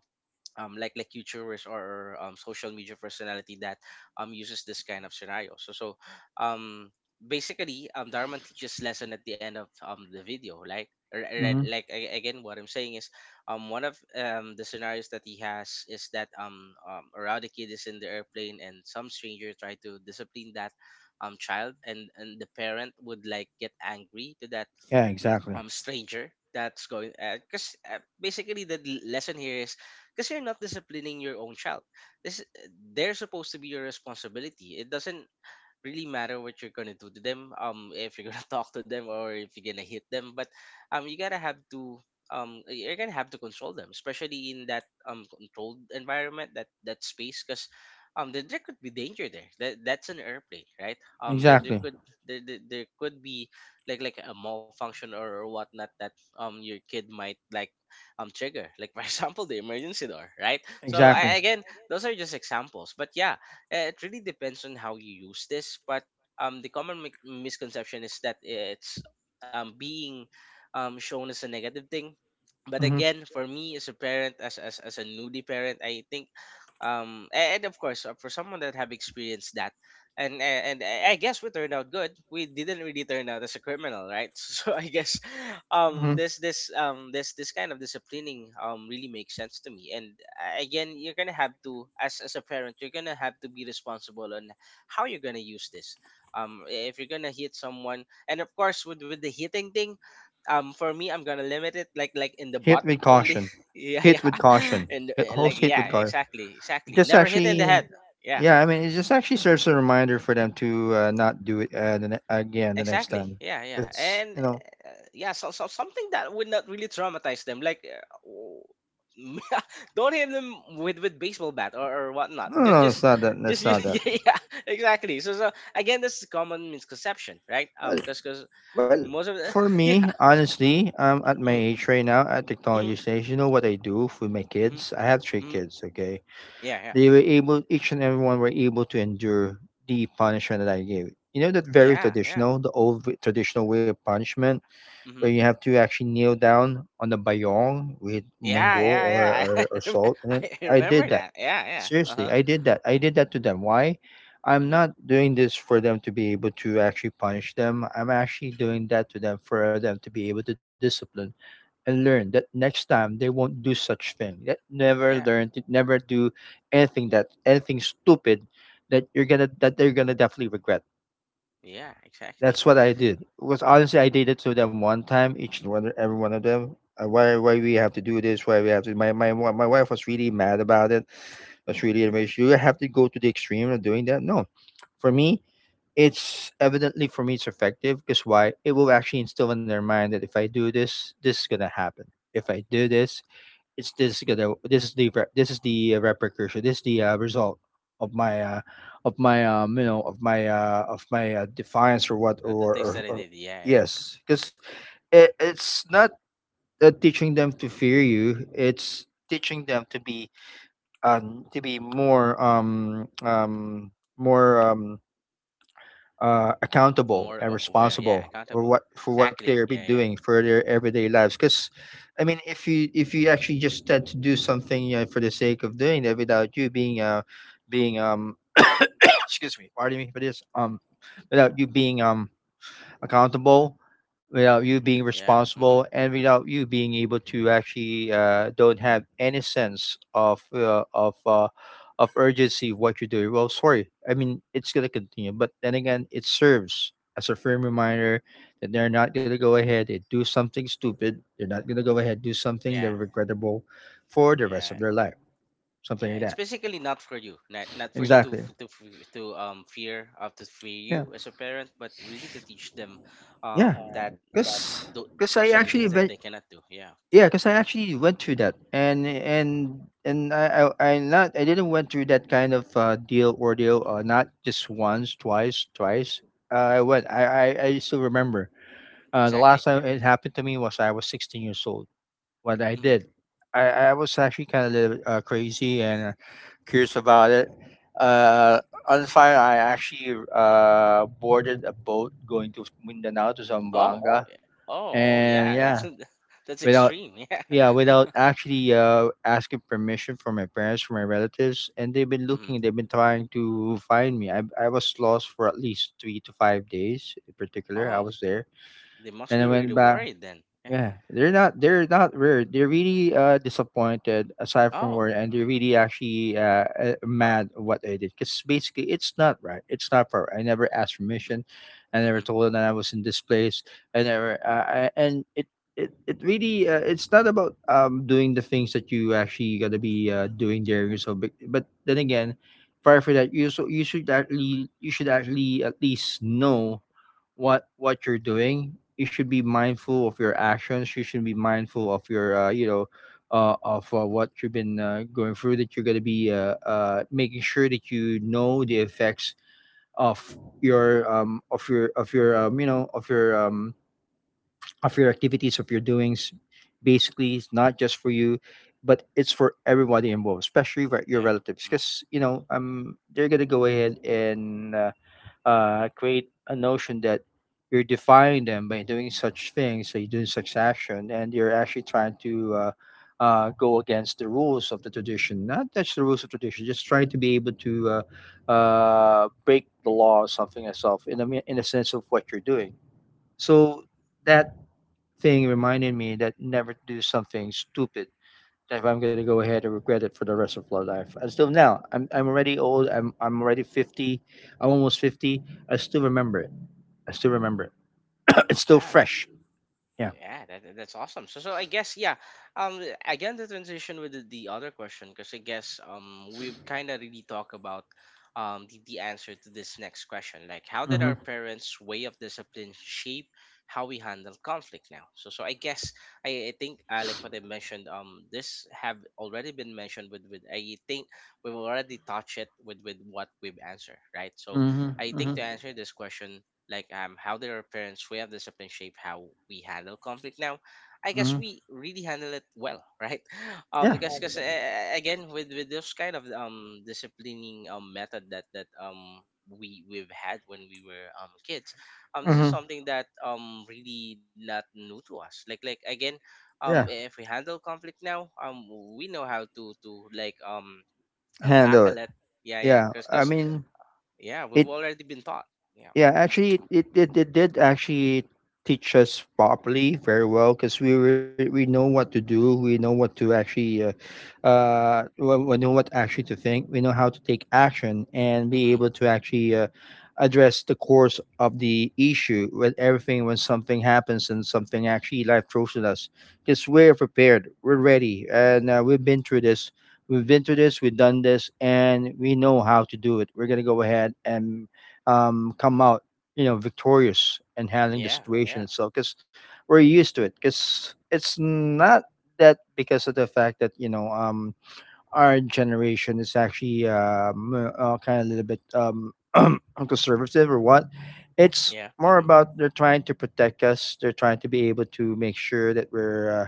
A: like YouTubers or social media personality that uses this kind of scenario. So so um, basically, Dharma teaches lesson at the end of the video. Like or- or
B: Mm-hmm.
A: like a- again, what I'm saying is, one of the scenarios that he has is that a rowdy kid is in the airplane and some stranger try to discipline that child, and the parent would like get angry to that
B: Yeah, exactly.
A: stranger that's going because basically the lesson here is because you're not disciplining your own child. This They're supposed to be your responsibility. It doesn't really matter what you're gonna do to them, if you're gonna *laughs* talk to them or if you're gonna hit them, but you gotta have to you're gonna have to control them, especially in that controlled environment, that space, because there, there could be danger there. That's an airplane, right? um there, there
B: Exactly.
A: could there could be like a malfunction or whatnot, that your kid might like trigger, like for *laughs* example the emergency door, right? So I,
B: Exactly.
A: again those are just examples, but yeah, it really depends on how you use this, but the common misconception is that it's being shown as a negative thing. But
B: Hmm.
A: again, for me as a parent, as a newly parent, I think, and of course for someone that have experienced that, and I guess we turned out good. We didn't really turn out as a criminal, right? *laughs* So I guess um
B: Hmm.
A: this this um this this kind of disciplining really makes sense to me. And again, you're gonna have to, as a parent, you're gonna have to be responsible on how you're gonna use this. If you're gonna hit someone, and of course with the hitting thing, for me, I'm gonna limit it, like in the
B: Hit
A: butt
B: with
A: only.
B: caution.
A: *laughs* Yeah,
B: Hit
A: yeah.
B: with
A: *laughs*
B: caution.
A: And
B: Hit,
A: like,
B: host hit
A: yeah,
B: with caution.
A: exactly, exactly,
B: Just
A: never hit in the
B: actually,
A: head. Yeah.
B: yeah, I mean, it just actually serves
A: Hmm.
B: a reminder for them to not do it, again, the next
A: Exactly.
B: time.
A: Yeah, yeah.
B: Because, you
A: And
B: know,
A: yeah, so something that would not really traumatize them, like *laughs* don't hit them with baseball bat, or whatnot.
B: no, no,
A: Just
B: no, it's
A: just
B: not that.
A: just
B: That's
A: use,
B: not
A: *laughs*
B: that.
A: yeah, yeah, exactly. So again, this is common misconception, right? Um,
B: Well,
A: because because
B: well,
A: most of the
B: for
A: *laughs* yeah,
B: me, honestly, at my
A: mm-hmm,
B: age right now, at
A: mm-hmm,
B: technology stage, you know what I do with my
A: mm-hmm,
B: kids? I have three
A: mm-hmm,
B: kids, okay?
A: yeah,
B: They were
A: yeah, mm-hmm,
B: able, each and everyone were able to endure the punishment that I gave. You know, that very
A: yeah, yeah,
B: traditional, the old traditional way of punishment, where
A: mm-hmm,
B: you have to actually kneel down on the bayong with
A: yeah,
B: mungo
A: yeah, yeah.
B: or
A: *laughs* I, remem-
B: salt in it.
A: I
B: I did
A: remember
B: that.
A: that. Yeah, yeah. Uh
B: Seriously,
A: huh.
B: I did that. I did that to them. Why? I'm
A: Mm-hmm.
B: not doing this for them to be able to actually punish them. I'm actually doing that to them for them to be able to discipline and learn that next time they won't do such thing. That never
A: Yeah,
B: learn to never do anything stupid that you're gonna that they're gonna definitely regret.
A: yeah, exactly.
B: That's what I did. Was, honestly, I did it to them one time, each and one every one of them. Why we have to do this? Why we have to? My wife was really mad about it. Was really enraged. You have to go to the extreme of doing that? No, for me it's effective because why it will actually instill in their mind that if I do this, this is going to happen. If I do this, it's this gonna this is the this is the repercussion, this is the result of my uh, of my you know of my defiance or what
A: The things that I did.
B: or
A: Yeah, yeah.
B: yes, because it's not teaching them to fear you, it's teaching them to be more more um
A: More
B: accountable and
A: aware, yeah,
B: responsible
A: accountable,
B: or what for what
A: exactly,
B: they're
A: yeah,
B: been
A: yeah,
B: doing for their everyday lives. Because I mean, if you actually just tend to do something, you know, for the sake of doing that without you being *coughs* excuse me, pardon me for this without you being accountable, without you being
A: yeah, mm-hmm,
B: responsible, and without you being able to actually don't have any sense of of urgency of what you're doing. Well, sorry, I mean it's gonna continue, but then again, it serves as a firm reminder that they're not gonna go ahead and do something stupid. They're not gonna go ahead and do something they're
A: yeah,
B: regrettable for the rest
A: yeah,
B: of their life. Something
A: yeah,
B: like
A: it's
B: that.
A: basically not for you, not for you to
B: Exactly.
A: f- to f- to fear of to fear
B: Yeah.
A: you as a parent, but really to teach them
B: Yeah.
A: that
B: Because I
A: those are the
B: actually
A: things that they cannot do. Yeah,
B: yeah, because I actually went through that, and I not I didn't went through that kind of deal ordeal. Not just once, twice. I went. I I still remember. The
A: exactly,
B: last
A: yeah,
B: time it happened to me was I was 16 years old. What I
A: mm-hmm.
B: did, I was actually kind of a little crazy and curious about it. On fire, I actually boarded a boat going to Mindanao to
A: Oh
B: Zamboanga,
A: yeah, oh, oh yeah,
B: and
A: that's
B: yeah.
A: *laughs* that's
B: Without,
A: extreme, yeah.
B: yeah,
A: *laughs*
B: without actually asking permission from my parents, from my relatives. And they've been
A: Mm-hmm.
B: looking, they've been trying to find me. I was lost for at least 3 to 5 days. In particular, I
A: Oh,
B: was there,
A: they must
B: and I
A: be
B: went
A: really
B: back.
A: worried then, yeah.
B: Yeah, they're not rare. They're really disappointed aside from
A: Oh,
B: word, and
A: mm-hmm.
B: they're really actually mad at what I did because basically it's not right. It's not fair. I never asked permission. I
A: Mm-hmm.
B: never told them that I was in this place. I never I, and it. It really it's not about doing the things that you actually gotta be doing there yourself, but then again, prior for that, you should actually, you should actually at least know what you're doing. You should be mindful of your actions, you should be mindful of your you know, of what you've been going through, that you're going to be making sure that you know the effects of your of your of your you know of your activities, of your doings. Basically, it's not just for you, but it's for everybody involved, especially your
A: Yeah,
B: relatives, because you know, they're going to go ahead and create a notion that you're defying them by doing such things. So you're doing such action, and you're actually trying to go against the rules of the tradition. Not touch the rules of tradition, just trying to be able to break the law or something yourself, in a in a sense of what you're doing. So that thing reminded me that never do something stupid if I'm going to go ahead and regret it for the rest of my life. And still now, I'm already old. I'm already 50. I'm almost 50. I still remember it. I still remember it. *clears throat* It's still
A: yeah.
B: fresh. Yeah.
A: Yeah, that's awesome. So I guess, yeah. Um, again, the transition with the other question, because I guess we've kind of really talked about the answer to this next question, like how did our
B: Mhm.
A: parents' way of discipline shape how we handle conflict now? So I guess I think like what I mentioned, this have already been mentioned with I think we've already touched it with what we've answered, right? So,
B: Mhm.
A: I think to
B: Mhm.
A: answer this question, like how did our parents' way of discipline shape how we handle conflict now? I guess
B: Mhm.
A: we really handle it well, *laughs* right? Um,
B: Yeah.
A: because because again, with those kind of disciplining method that we we've had when we were kids, this is
B: Mhm.
A: something that really not new to us. Like again,
B: Yeah.
A: if we handle conflict now, we know how to
B: Handle
A: tackle
B: it.
A: it. Yeah, yeah,
B: Yeah.
A: cause
B: I
A: cause
B: mean,
A: yeah, we've
B: it
A: already been taught. Yeah.
B: yeah, actually, it did actually teach us properly very well because we were, we know what to do. We know what to actually, we know what actually to think. We know how to take action and be
A: Mm-hmm.
B: able to actually address the course of the issue with everything when something happens and something actually life throws at us. Because we're prepared, we're ready, and we've been through this. We've been through this, we've done this, and we know how to do it. We're going to go ahead and come out, you know, victorious and handling the
A: Yeah,
B: situation
A: yeah.
B: itself. Because we're used to it. Because it's not that because of the fact that you know, our generation is actually kind of a little bit *clears throat* conservative or what. It's
A: Yeah.
B: more
A: Hmm.
B: about they're trying to protect us. They're trying to be able to make sure that uh,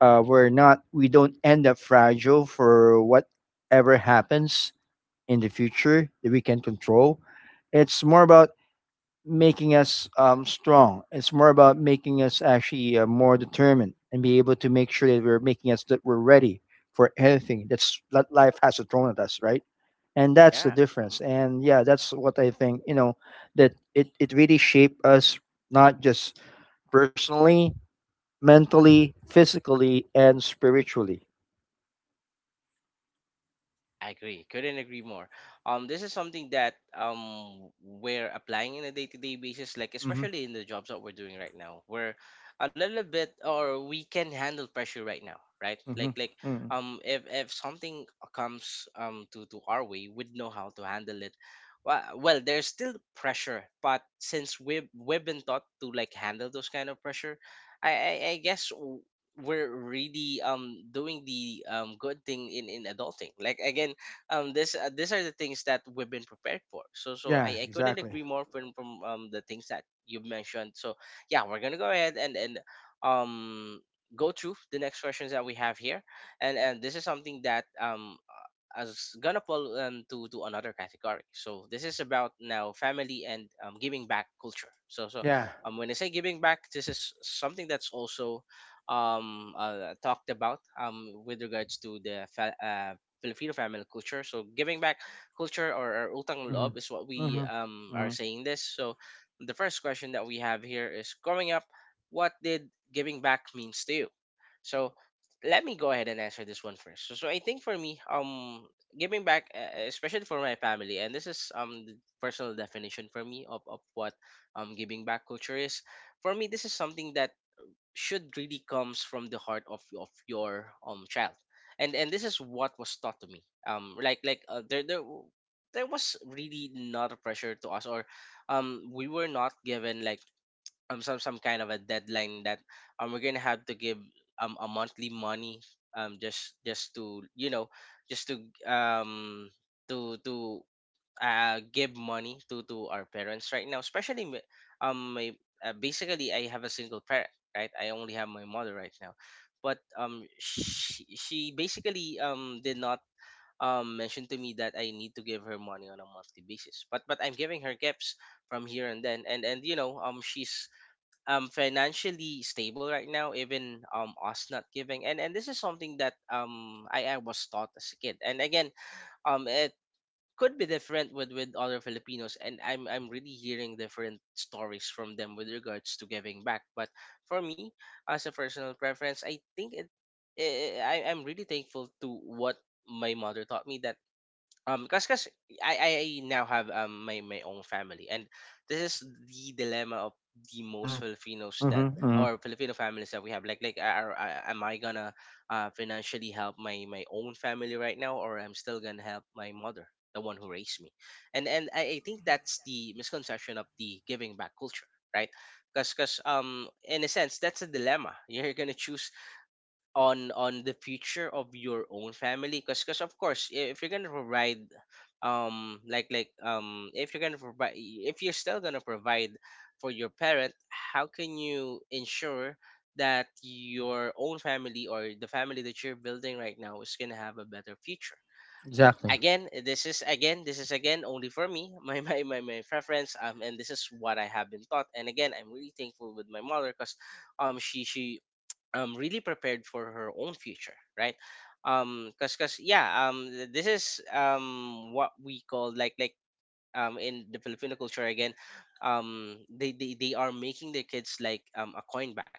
B: uh, we're not, we don't end up fragile for whatever happens in the future that we can control. It's more about making us strong. It's more about making us actually more determined and be able to make sure that we're ready for anything that's that life has thrown at us, right? And that's the
A: Yeah. Hmm.
B: difference. And yeah, that's what I think. You know, that it really shaped us not just personally, mentally, physically, and spiritually.
A: I agree. Couldn't agree more. This is something that we're applying in a day-to-day basis, like
B: Hmm.
A: especially in the jobs that we're doing right now. We're a little bit, or we can handle pressure right now, right?
B: Hmm.
A: Like
B: Hmm.
A: if something comes to our way, we'd know how to handle it. Well, there's still pressure, but since we've been taught to like handle those kind of pressure, I guess we're really doing the good thing in adulting, like again, this these are the things that we've been prepared for.
B: Yeah,
A: I couldn't
B: exactly.
A: agree more from the things that you mentioned. So yeah, we're gonna go ahead and um go through the next questions that we have here. And this is something that as gonna fall, to another category. So this is about now family and, giving back culture. So
B: Yeah.
A: when I say giving back, this is something that's also talked about with regards to the Filipino family culture. So giving back culture, or our utang
B: Hmm.
A: loob, is what we
B: Hmm.
A: are
B: Hmm.
A: saying this. So the first question that we have here is: growing up, what did giving back means to you? So let me go ahead and answer this one first. So I think for me, giving back, especially for my family, and this is the personal definition for me of what giving back culture is. For me, this is something that should really comes from the heart of your child. And this is what was taught to me, there there was really not a pressure to us, or we were not given like some some kind of a deadline that we're gonna have to give a monthly money, just to you know, just to um to to give money to our parents right now, especially my, basically I have a single parent, right? I only have my mother right now, but she basically did not mention to me that I need to give her money on a monthly basis. But I'm giving her gifts from here and then, and you know, she's financially stable right now, even us not giving. And this is something that I was taught as a kid, and again, it could be different with other Filipinos, and I'm really hearing different stories from them with regards to giving back. But for me, as a personal preference, I think it, I'm really thankful to what my mother taught me, that 'cause I now have my own family, and this is the dilemma of the most
B: Hmm.
A: Filipinos that,
B: Hmm.
A: or Filipino families that we have. Like are am I gonna financially help my own family right now, or I'm still gonna help my mother, the one who raised me? I think that's the misconception of the giving back culture, right? Because in a sense, that's a dilemma. You're gonna choose on the future of your own family, because of course, if you're gonna provide like if you're gonna provide if you're still gonna provide for your parent, how can you ensure that your own family, or the family that you're building right now, is gonna have a better future? Mm,
B: Exactly.
A: again, this is again this is again only for me, *laughs* my my preference, and this is what I have been taught. And again, I'm really thankful with my mother because she really prepared for her own future, right? Because yeah, this is what we call, like in the Filipino culture, again, they are making their kids like a coin back.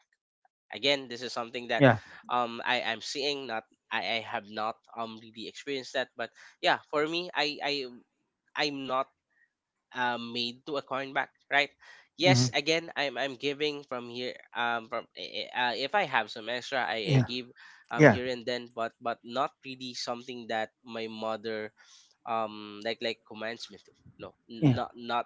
A: Again, this is something that
B: Yeah.
A: I'm seeing, not, I have not really experienced that, but yeah, for me, I'm not made to a coin back, right? Yes,
B: Mhm.
A: again, I'm giving from here. If I have some extra, I
B: Yeah,
A: give
B: yeah,
A: here and then, but not really something that my mother commands me to. No,
B: yeah,
A: not, not.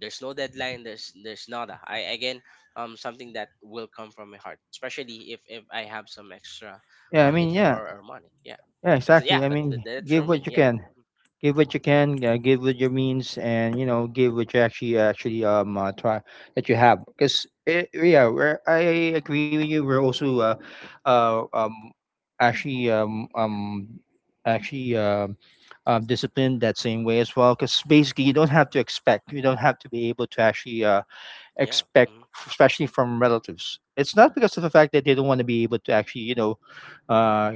A: There's no deadline. There's nada. I Again, something that will come from my heart, especially if I have some extra
B: yeah. I mean,
A: income,
B: yeah,
A: or money. Yeah,
B: yeah,
A: right. But yeah,
B: exactly. I
A: but
B: mean,
A: that's for
B: give
A: me.
B: what you
A: Yeah,
B: can, give what you
A: yeah,
B: can, give with your means, and you know, give what you actually try that you have. Because yeah, we're, I agree with you. We're also uh um actually actually disciplined that same way as well. Because basically, you don't have to expect, you don't have to be able to actually
A: yeah,
B: expect,
A: mm-hmm,
B: especially from relatives. It's not because of the fact that they don't want to be able to actually, you know, uh,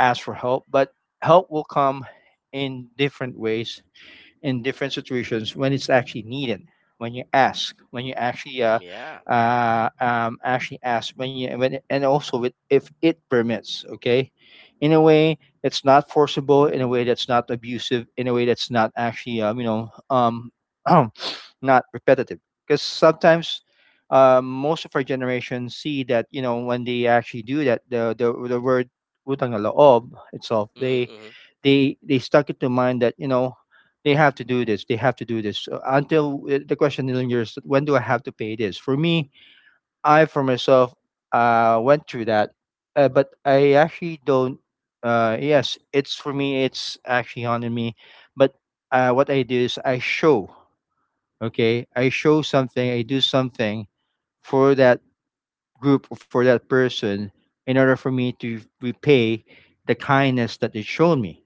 B: ask for help, but help will come in different ways in different situations when it's actually needed, when you ask, when you actually
A: yeah, mm-hmm,
B: actually ask when and also with if it permits. Okay, in a way that's not forcible, in a way that's not abusive, in a way that's not actually you know, *clears throat* not repetitive. Because sometimes, most of our generation see that, you know, when they actually do that, the word utang na loob itself,
A: mm-hmm, mm-hmm,
B: they stuck it to mind that, you know, they have to do this, they have to do this until the question lingers, when do I have to pay this? For me, I for myself went through that. But I actually don't. Yes, it's for me, it's actually on me. But what I do is I show, okay, I show something, I do something for that group, for that person, in order for me to repay the kindness that they shown me.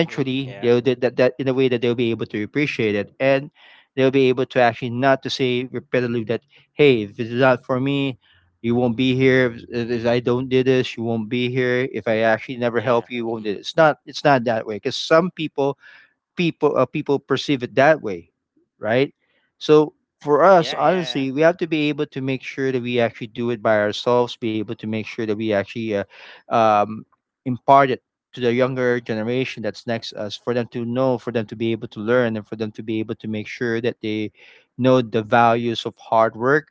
A: mm-hmm, yeah,
B: they'll do that, that in a way that they'll be able to appreciate it, and they'll be able to actually not to say repeatedly that, hey, if it's not for me, you won't be here. If I don't do this, you won't be here. If I actually never
A: yeah,
B: help you, you won't
A: mm-hmm,
B: do it. It's not that way because some people people perceive it that way, right? So for us,
A: yeah, yeah,
B: honestly, we have to be able to make sure that we actually do it by ourselves. Be able to make sure that we actually um, impart it to the younger generation that's next us, for them to know, for them to be able to learn, and for them to be able to make sure that they know the values of hard work,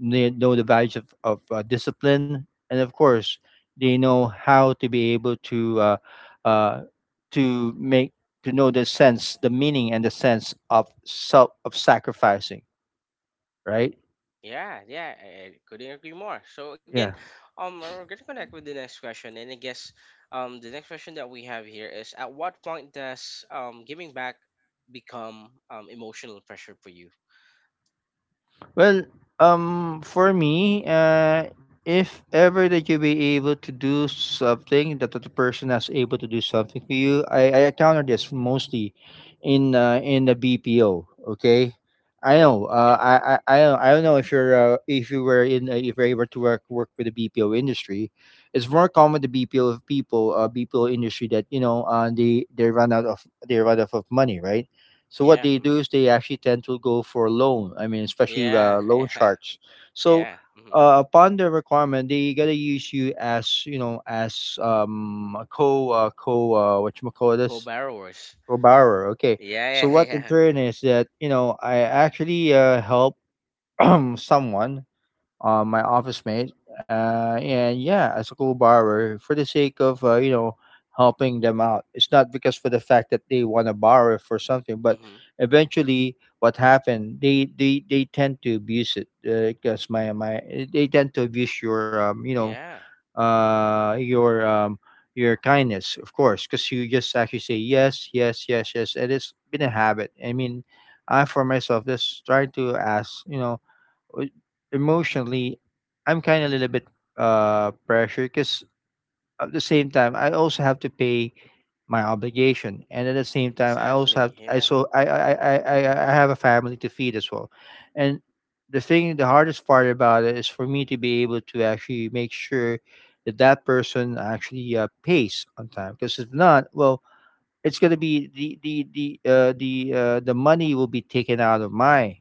B: they know the values of discipline, and of course, they know how to be able uh, to make to know the sense, the meaning, and the sense of self of sacrificing, right?
A: yeah, yeah. I couldn't agree more. So again,
B: Yeah.
A: we're gonna connect with the next question, and I guess, the next question that we have here is: at what point does giving back become emotional pressure for you?
B: Well, for me, if ever that you be able to do something that the person is able to do something for you, I encounter this mostly in the BPO. Okay, I
A: Oh,
B: know.
A: okay. Mm.
B: I don't know if you're if you were in if you're able to work with the BPO industry, it's more common the BPO people, BPO industry, that you know, they run out of, they run out of money, right? So what
A: Yeah.
B: they do
A: Mm-hmm.
B: is they actually tend to go for loan. I mean, especially
A: Yeah.
B: loan
A: Yeah. *laughs*
B: sharks. So
A: Yeah. Mm-hmm.
B: upon their requirement, they gotta use you as, you know, as a co co what you call this,
A: Co-borrowers.
B: co borrower. Okay.
A: Yeah.
B: So what in
A: Yeah.
B: turn
A: Yeah. *laughs*
B: is that, you know, I actually help *clears throat* someone, my office mate, and yeah, as a co-borrower for the sake of you know, helping them out. It's not because for the fact that they want to borrow for something, but
A: Mm-hmm.
B: eventually, what happened? They tend to abuse it. Because my they tend to abuse your
A: Yeah. Mm-hmm.
B: uh your um your kindness, of course, because you just actually say yes, yes, yes, yes, and it's been a habit. I mean, I for myself just trying to ask, w- emotionally, I'm kind of a little bit pressure because at the same time I also have to pay my obligation, and at the same time I also have
A: Exactly.
B: I
A: Yeah.
B: so I have a family to feed as well, and the hardest part about it is for me to be able to actually make sure that that person actually pays on time, because if not, well, it's gonna be the money will be taken out of my,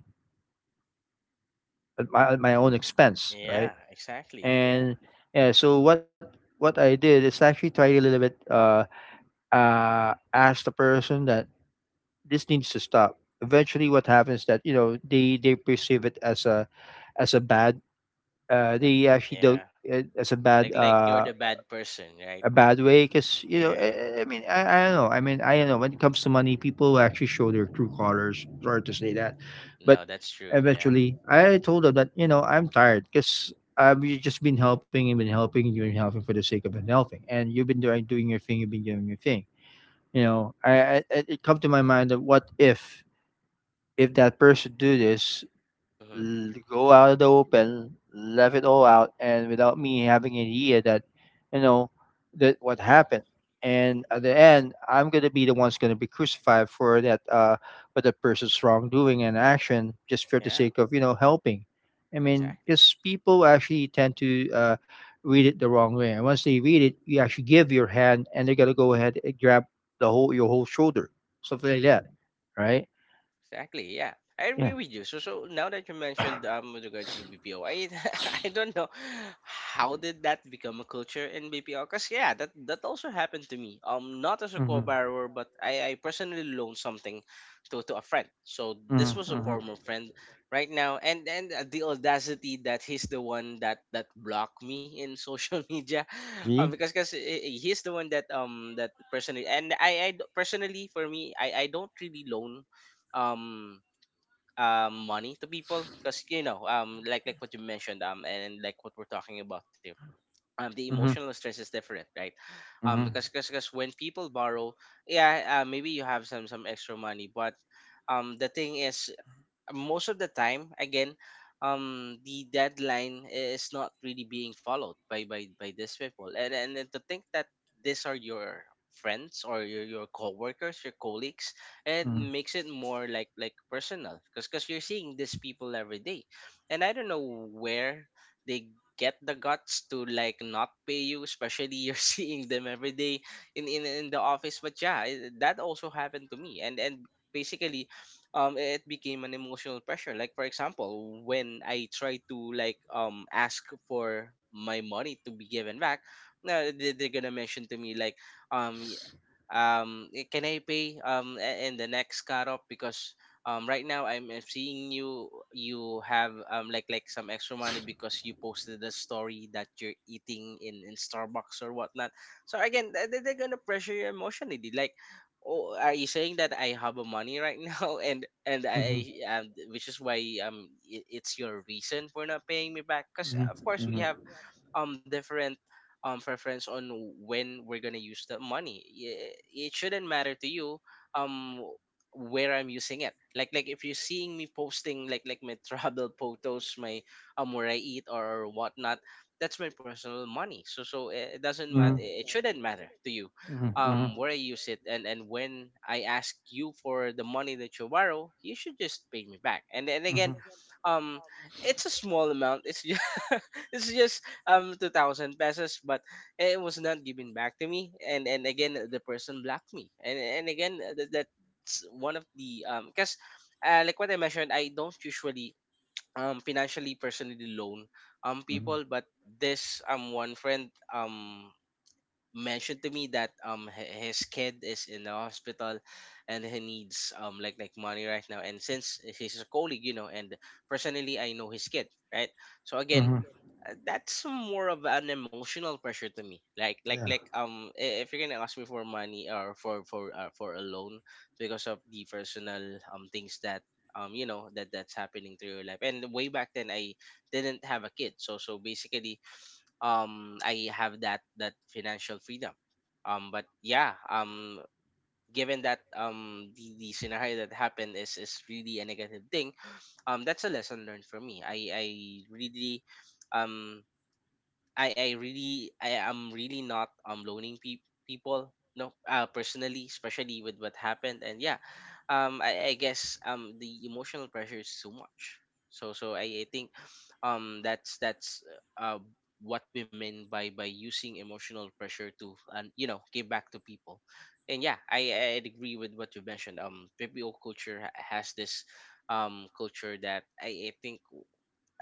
B: at my, at my own expense, right?
A: Yeah. Exactly. Yeah.
B: And yeah, so what I did is actually try a little bit ask the person that this needs to stop. Eventually what happens that, you know, they perceive it as a bad
A: Uh,
B: they actually don't
A: yeah.
B: as
A: Like, you're the bad person,
B: a
A: right?
B: bad way, because you
A: Yeah,
B: know
A: yeah, yeah.
B: I mean I don't know, I mean I don't know, when it comes to money people will actually show their true colors, sorry to say that. But
A: No, that's true. Yeah.
B: eventually I told her that, you know, I'm tired, because I've, you just been helping and been helping, and you've been helping for the sake of been helping, and you've been doing your thing, you've been doing your thing. You know, it come to my mind that what if that person do this,
A: Mhm.
B: go out of the open, left it all out, and without me having an idea that, you know, that what happened. And at the end, I'm gonna be the one's gonna be crucified for that, for the person's wrongdoing and action, just for the
A: Yeah.
B: sake of, you know, helping. I mean,
A: Exactly.
B: because people actually tend to read it the wrong way, and once they read it, you actually give your hand, and they're gonna go ahead and grab the whole your whole shoulder, something like that, right?
A: Exactly. Yeah, I agree
B: Yeah.
A: with you. So now that you mentioned with regards to BPO, I *laughs* I don't know how did that become a culture in BPO? Cause yeah, that also happened to me. Not as a
B: Mm-hmm.
A: co-borrower, but I personally loaned something to a friend. So this
B: Mm-hmm.
A: was a
B: Mm-hmm.
A: former friend right now, and the audacity that he's the one that blocked me in social *laughs* media, um,
B: See.
A: because because he's the one that personally, and personally for me, I don't really loan um money to people. Because like what you mentioned, and like what we're talking about here, the
B: Mm-hmm.
A: emotional stress is different, right? Because when people borrow, yeah, maybe you have some extra money, but the thing is, most of the time, again, the deadline is not really being followed by these people. And then to think that these are your friends, or your co-workers, your colleagues, it
B: Mm,
A: makes it more like personal, because you're seeing these people every day. And I don't know where they get the guts to like not pay you, especially you're *laughs* seeing them every day in the office. But yeah, that also happened to me. And basically, it became an emotional pressure. Like for example, when I try to like ask for my money to be given back, now they're gonna mention to me, like, um can I pay in the next cut? Because right now, I'm seeing you, you have like some extra money, because you posted a story that you're eating in starbucks or whatnot. So again, they're gonna pressure you emotionally. They like, oh, are you saying that I have a money right now *laughs* and I which is why it's your reason for not paying me back? Because of course, we have different preference on when we're gonna use the money. It shouldn't matter to you um where I'm using it. Like if you're seeing me posting like my *laughs* travel photos, my where I eat or whatnot, that's my personal money. So it doesn't matter. It shouldn't matter to you where I use it. And when I ask you for the money that you borrow, you should just pay me back. And then again, um, it's a small amount. It's just *laughs* it's just 2,000 pesos, but it was not given back to me. And again, the person blocked me. And again, that's one of the because like what I mentioned, I don't usually financially personally loan people. But this one friend mentioned to me that his kid is in the hospital, and he needs like money right now. And since he's a colleague, you know, and personally I know his kid, right? So again, that's more of an emotional pressure to me, like like
B: yeah.
A: like um i- if you're gonna ask me for money, or for a loan, because of the personal things that that's happening to your life. And way back then, I didn't have a kid, so basically, I have that financial freedom, but yeah. Given that the scenario that happened is really a negative thing, that's a lesson learned for me. I Really, um I am really not loaning people, no, personally, especially with what happened. And yeah, I guess the emotional pressure is too much. So I think that's uh what we mean by using emotional pressure to, and you know, give back to people. And yeah, I agree with what you mentioned, PPO culture has this culture that, I think,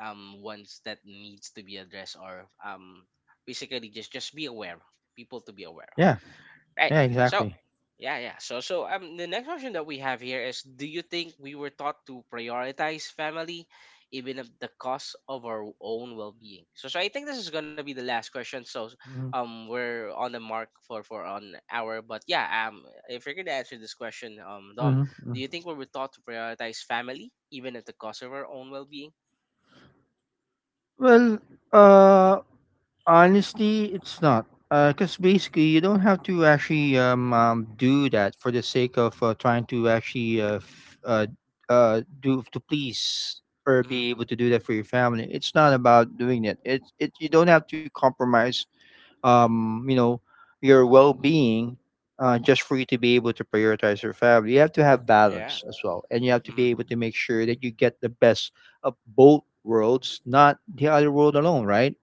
A: ones that needs to be addressed, or basically just be aware, people to be aware
B: Yeah.
A: of,
B: Yeah,
A: right?
B: exactly.
A: So yeah, yeah. The next question that we have here is, do you think we were taught to prioritize family even at the cost of our own well-being? So I think this is going to be the last question. We're on the mark for an hour, but yeah, if you're going to answer this question, Dom,
B: Hmm.
A: do you think we were taught to prioritize family even at the cost of our own well-being?
B: Well, uh, honestly, it's not. Because basically, you don't have to actually do that for the sake of trying to actually do to please, or be
A: Mm-hmm.
B: able to do that for your family. It's not about doing it. You don't have to compromise you know, your well-being just for you to be able to prioritize your family. You have to have
A: Yeah.
B: balance as well, and you have to
A: Hmm.
B: be able to make sure that you get the best of both worlds, not the other world alone, right?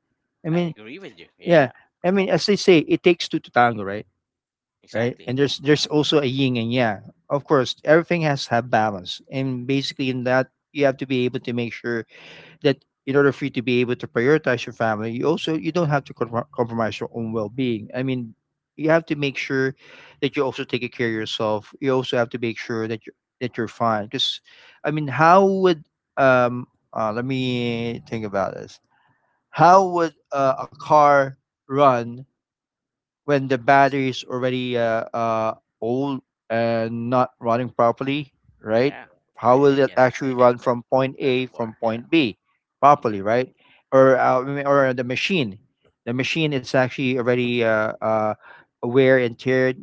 B: I
A: I
B: mean,
A: agree with you.
B: yeah,
A: Yeah,
B: I mean, as
A: mm,
B: they say, it takes two to tango, right? Right, and
A: exactly.
B: there's
A: Yeah,
B: there's also a yin and yang. Of course, everything has to have balance, and basically in that you have to be able to make sure that in order for you to be able to prioritize your family, you also you don't have to compro- compromise your own well-being. I mean, you have to make sure that you also take care of yourself. You also have to make sure that you, that you're fine. Because, I mean, how would um let me think about this. How would a car run when the battery is already old and not running properly, right?
A: yeah.
B: How
A: I,
B: will
A: I
B: it
A: get
B: actually
A: I get
B: run
A: that
B: from point A
A: metaphor.
B: from
A: Yeah.
B: point B
A: Hmm.
B: properly, right? Or I or the machine is actually already wear and tear.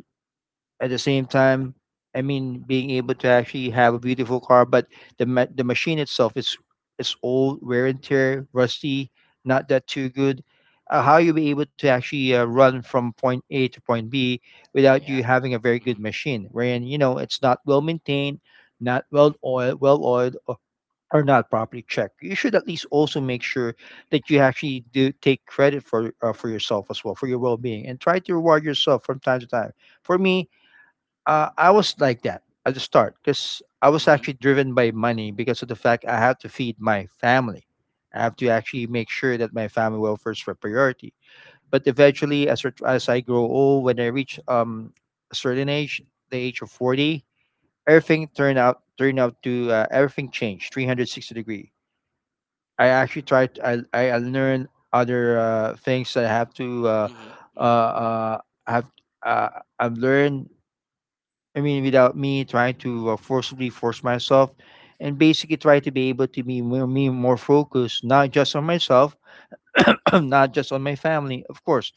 B: At the same time, I mean, being able to actually have a beautiful car, but the machine itself is old, wear and tear, rusty, not that too good. How you be able to actually run from point A to point B without
A: Yeah.
B: you having a very good
A: Hmm.
B: machine, wherein you know it's not well maintained, not well oiled, or not properly checked. You should at least also make sure that you actually do take credit for yourself as well, for your well-being, and try to reward yourself from time to time. For me, I was like that at the start, because I was actually
A: Hmm.
B: driven by money, because of the fact I have to feed my family. I have to actually make sure that my family welfare is for priority. But eventually, as as I grow old, when I reach a certain age, the age of 40, everything turned out to everything changed 360 degree. I actually tried. I learned other things that I have to
A: Hmm.
B: uh,
A: Hmm.
B: uh, have. Uh, I've learned, I mean, without me trying to forcibly force myself, and basically try to be able to be more, me more focused, not just on myself, *clears throat* not just on my family. Of course,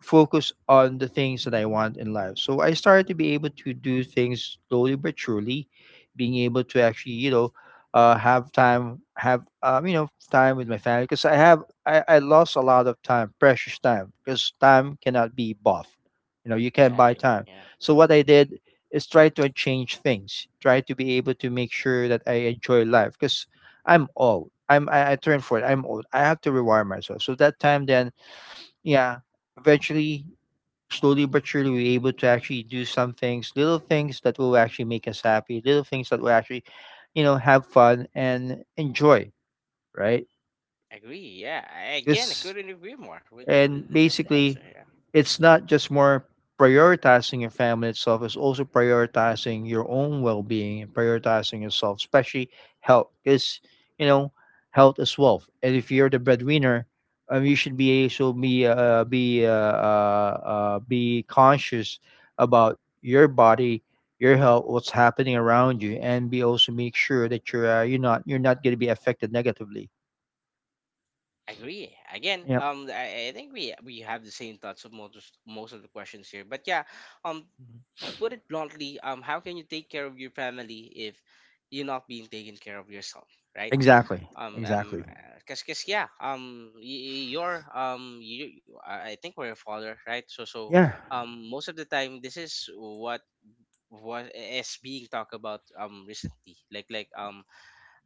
B: focus on the things that I want in life. So I started to be able to do things slowly but surely, being able to actually, you know, have time, have you know, time with my family, because I lost a lot of time, precious time, because time cannot be bought. You know, you can't buy
A: Exactly.
B: time.
A: Yeah.
B: So what I did is try to change things, try to be able to make sure that I enjoy life, because I'm old. I turn for it. I'm old. I have to rewire myself. So that time then, yeah, eventually slowly but surely we're able to actually do some things, little things that will actually make us happy, little things that will actually, you know, have fun and enjoy, right?
A: Agree. Yeah. I, again, I
B: Because,
A: couldn't agree more with with, with
B: and
A: with that answer.
B: basically,
A: Yeah.
B: it's not just more prioritizing your family itself, it's also prioritizing your own well being and prioritizing yourself, especially health. Because, you know, health is wealth. And if you're the breadwinner, you should be also be be conscious about your body, your health, what's happening around you, and be also make sure that you're not, you're not going to be affected negatively.
A: Agree. Again,
B: Yep,
A: I think we have the same thoughts of most of the questions here. But yeah, um, to put it bluntly, how can you take care of your family if you're not being taken care of yourself, right?
B: exactly,
A: um um
B: exactly.
A: because yeah, you're, I think we're a father, right? So most of the time this is what is being talked about recently, like like um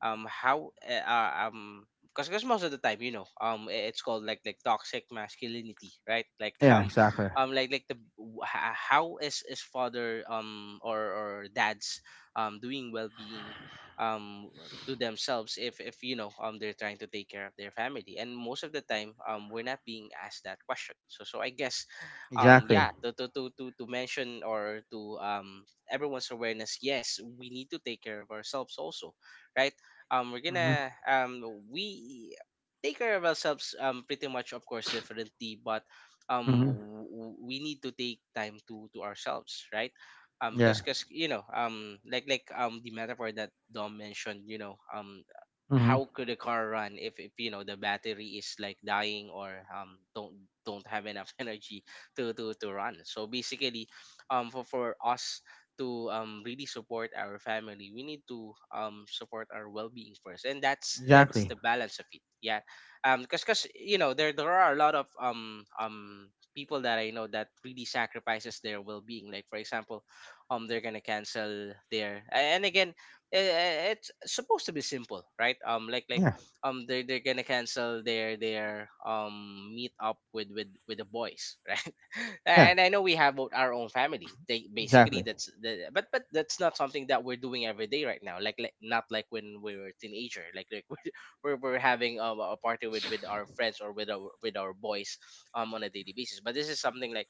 A: um how because most of the time, you know, it's called like toxic masculinity, right? Like *laughs*
B: Yeah, exactly.
A: like the how is father or dads doing well-being um to themselves, if you know they're trying to take care of their family, and most of the time, we're not being asked that question. So I guess
B: Exactly.
A: yeah, to mention, or to everyone's awareness, yes, we need to take care of ourselves also, right? We're gonna we take care of ourselves pretty much, of course, differently, but we need to take time to ourselves, right? Because
B: Yeah.
A: because you know, the metaphor that Dom mentioned, you know,
B: Hmm.
A: how could a car run if you know the battery is like dying, or don't have enough *laughs* energy to run. So basically, for us to really support our family, we need to support our well-being first. And that's
B: Exactly.
A: the balance of it, yeah. Because, you know, there are a lot of people that I know that really sacrifices their well-being. Like for example, they're gonna cancel their and again, it's supposed to be simple, right? Like they're gonna cancel their meet up with the boys *laughs* right? And I know we have our own family. They basically that's the, but that's not something that we're doing every day right now, like not like when we were teenager, like *laughs* we're having a party with our friends, or with our boys on a daily basis. But this is something like,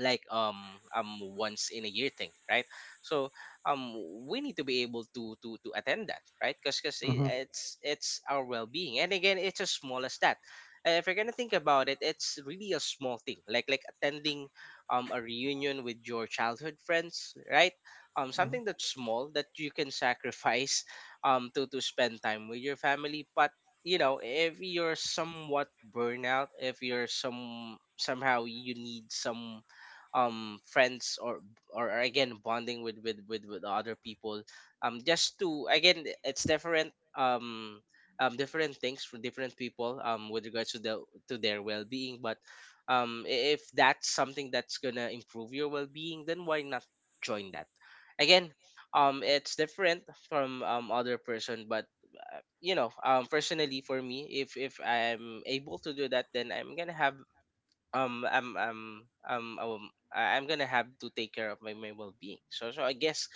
A: like um once in a year thing, right? so um we need to be able to to attend that, right? Because it's our well-being. And again, it's as small as that. If you're gonna think about it, it's really a small thing, like attending a reunion with your childhood friends, right? Something that's small that you can *laughs* sacrifice to spend time with your family. But you know, if you're somewhat burnout, if you're some somehow you need some friends, or again, bonding with other people, just to, again, it's different. um Different things for different people, with regards to the to their well-being. But if that's something that's gonna improve your well-being, then why not join that? Again, it's different from other person. But you know, personally for me, if I'm able to do that, then I'm gonna have um I'm I'm um um I'm gonna have to take care of my well being. So I guess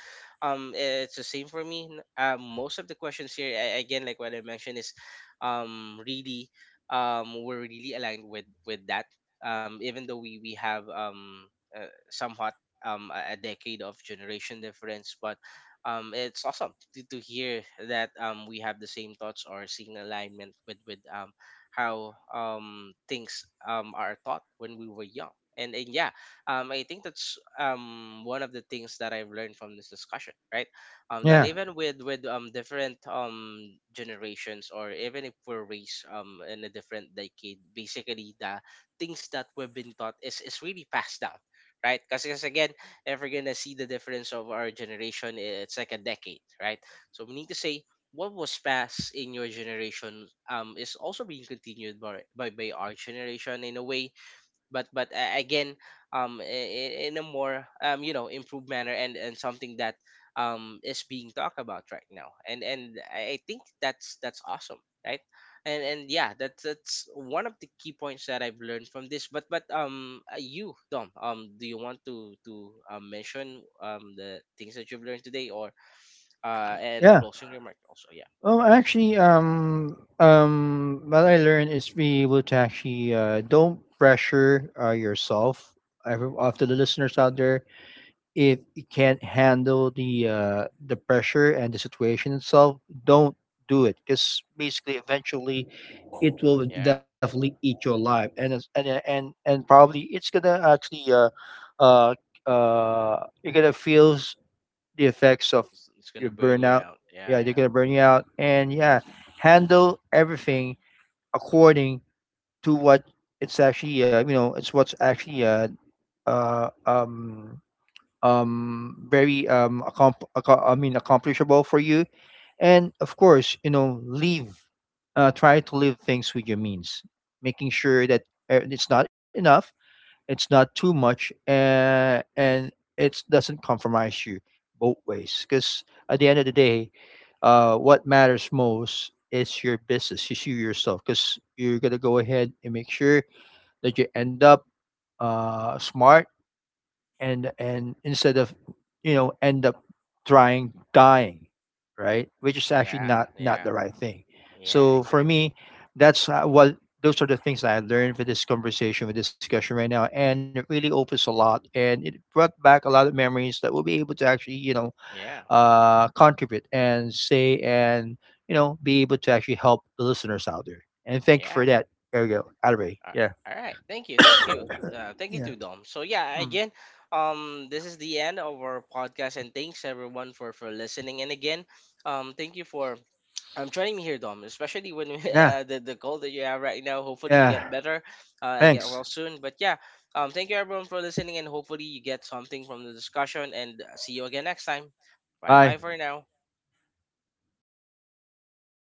A: it's the same for me. Most of the questions here, I, again, like what I mentioned, is really, we're really aligned with that. Even though we have somewhat a decade of generation difference, but it's awesome to hear that we have the same thoughts, or seeing alignment with how things are taught when we were young. And yeah, I think that's one of the things that I've learned from this discussion, right? That even with different generations, or even if we're raised in a different decade, basically the things that we've been taught is really passed down, right? Because again, if we're gonna see the difference of our generation, it's like a decade, right? So we need to say what was passed in your generation is also being continued by our generation in a way. But again, in a more, you know, improved manner. And something that is being talked about right now. And I think that's awesome, right? And yeah, that's one of the key points that I've learned from this. But You, Dom, do you want to mention the things that you've learned today, or and the
B: Yeah.
A: closing remark also? Yeah.
B: Well, actually, what I learned is be able to actually don't pressure yourself. Every of the listeners out there, if you can't handle the pressure and the situation itself, don't do it, because basically, eventually, it will
A: Yeah,
B: definitely eat you alive, and and probably it's gonna actually uh, you're gonna feel the effects of
A: it's
B: your
A: gonna burn you
B: burnout.
A: out. Yeah,
B: Yeah, they're
A: yeah,
B: gonna burn you out, and yeah, handle everything according to what it's actually. You know, it's what's actually uh um very I mean accomplishable for you, and of course, you know, leave. Try to live things with your means, making sure that it's not enough, it's not too much, and it doesn't compromise you both ways. Because at the end of the day, what matters most is your business. You see yourself, because you're gonna go ahead and make sure that you end up smart, and instead of, you know, end up trying dying, right? Which is actually
A: yeah,
B: not, not
A: yeah,
B: the right thing.
A: yeah.
B: So for
A: Exactly.
B: me, that's what, those are the things that I learned for this conversation with discussion right now, and it really opens a lot, and it brought back a lot of memories that we'll be able to actually, you know,
A: Yeah. Hmm.
B: contribute and say, and you know, be able to actually help the listeners out there, and thank you for
A: Yeah.
B: that. There you go, Adore.
A: Uh,
B: Yeah,
A: all right. Thank you. Thank you. Thank you to
B: yeah,
A: Dom. So yeah, again, this is the end of our podcast, and thanks everyone for listening. And again, thank you for joining me here, Dom. Especially when *laughs*
B: yeah,
A: the cold that you have right now. Hopefully you get
B: yeah,
A: better. I get
B: thanks.
A: well soon. But yeah, thank you everyone for listening, and hopefully you get something from the discussion. And see you again next time. Bye bye
B: Bye.
A: for now.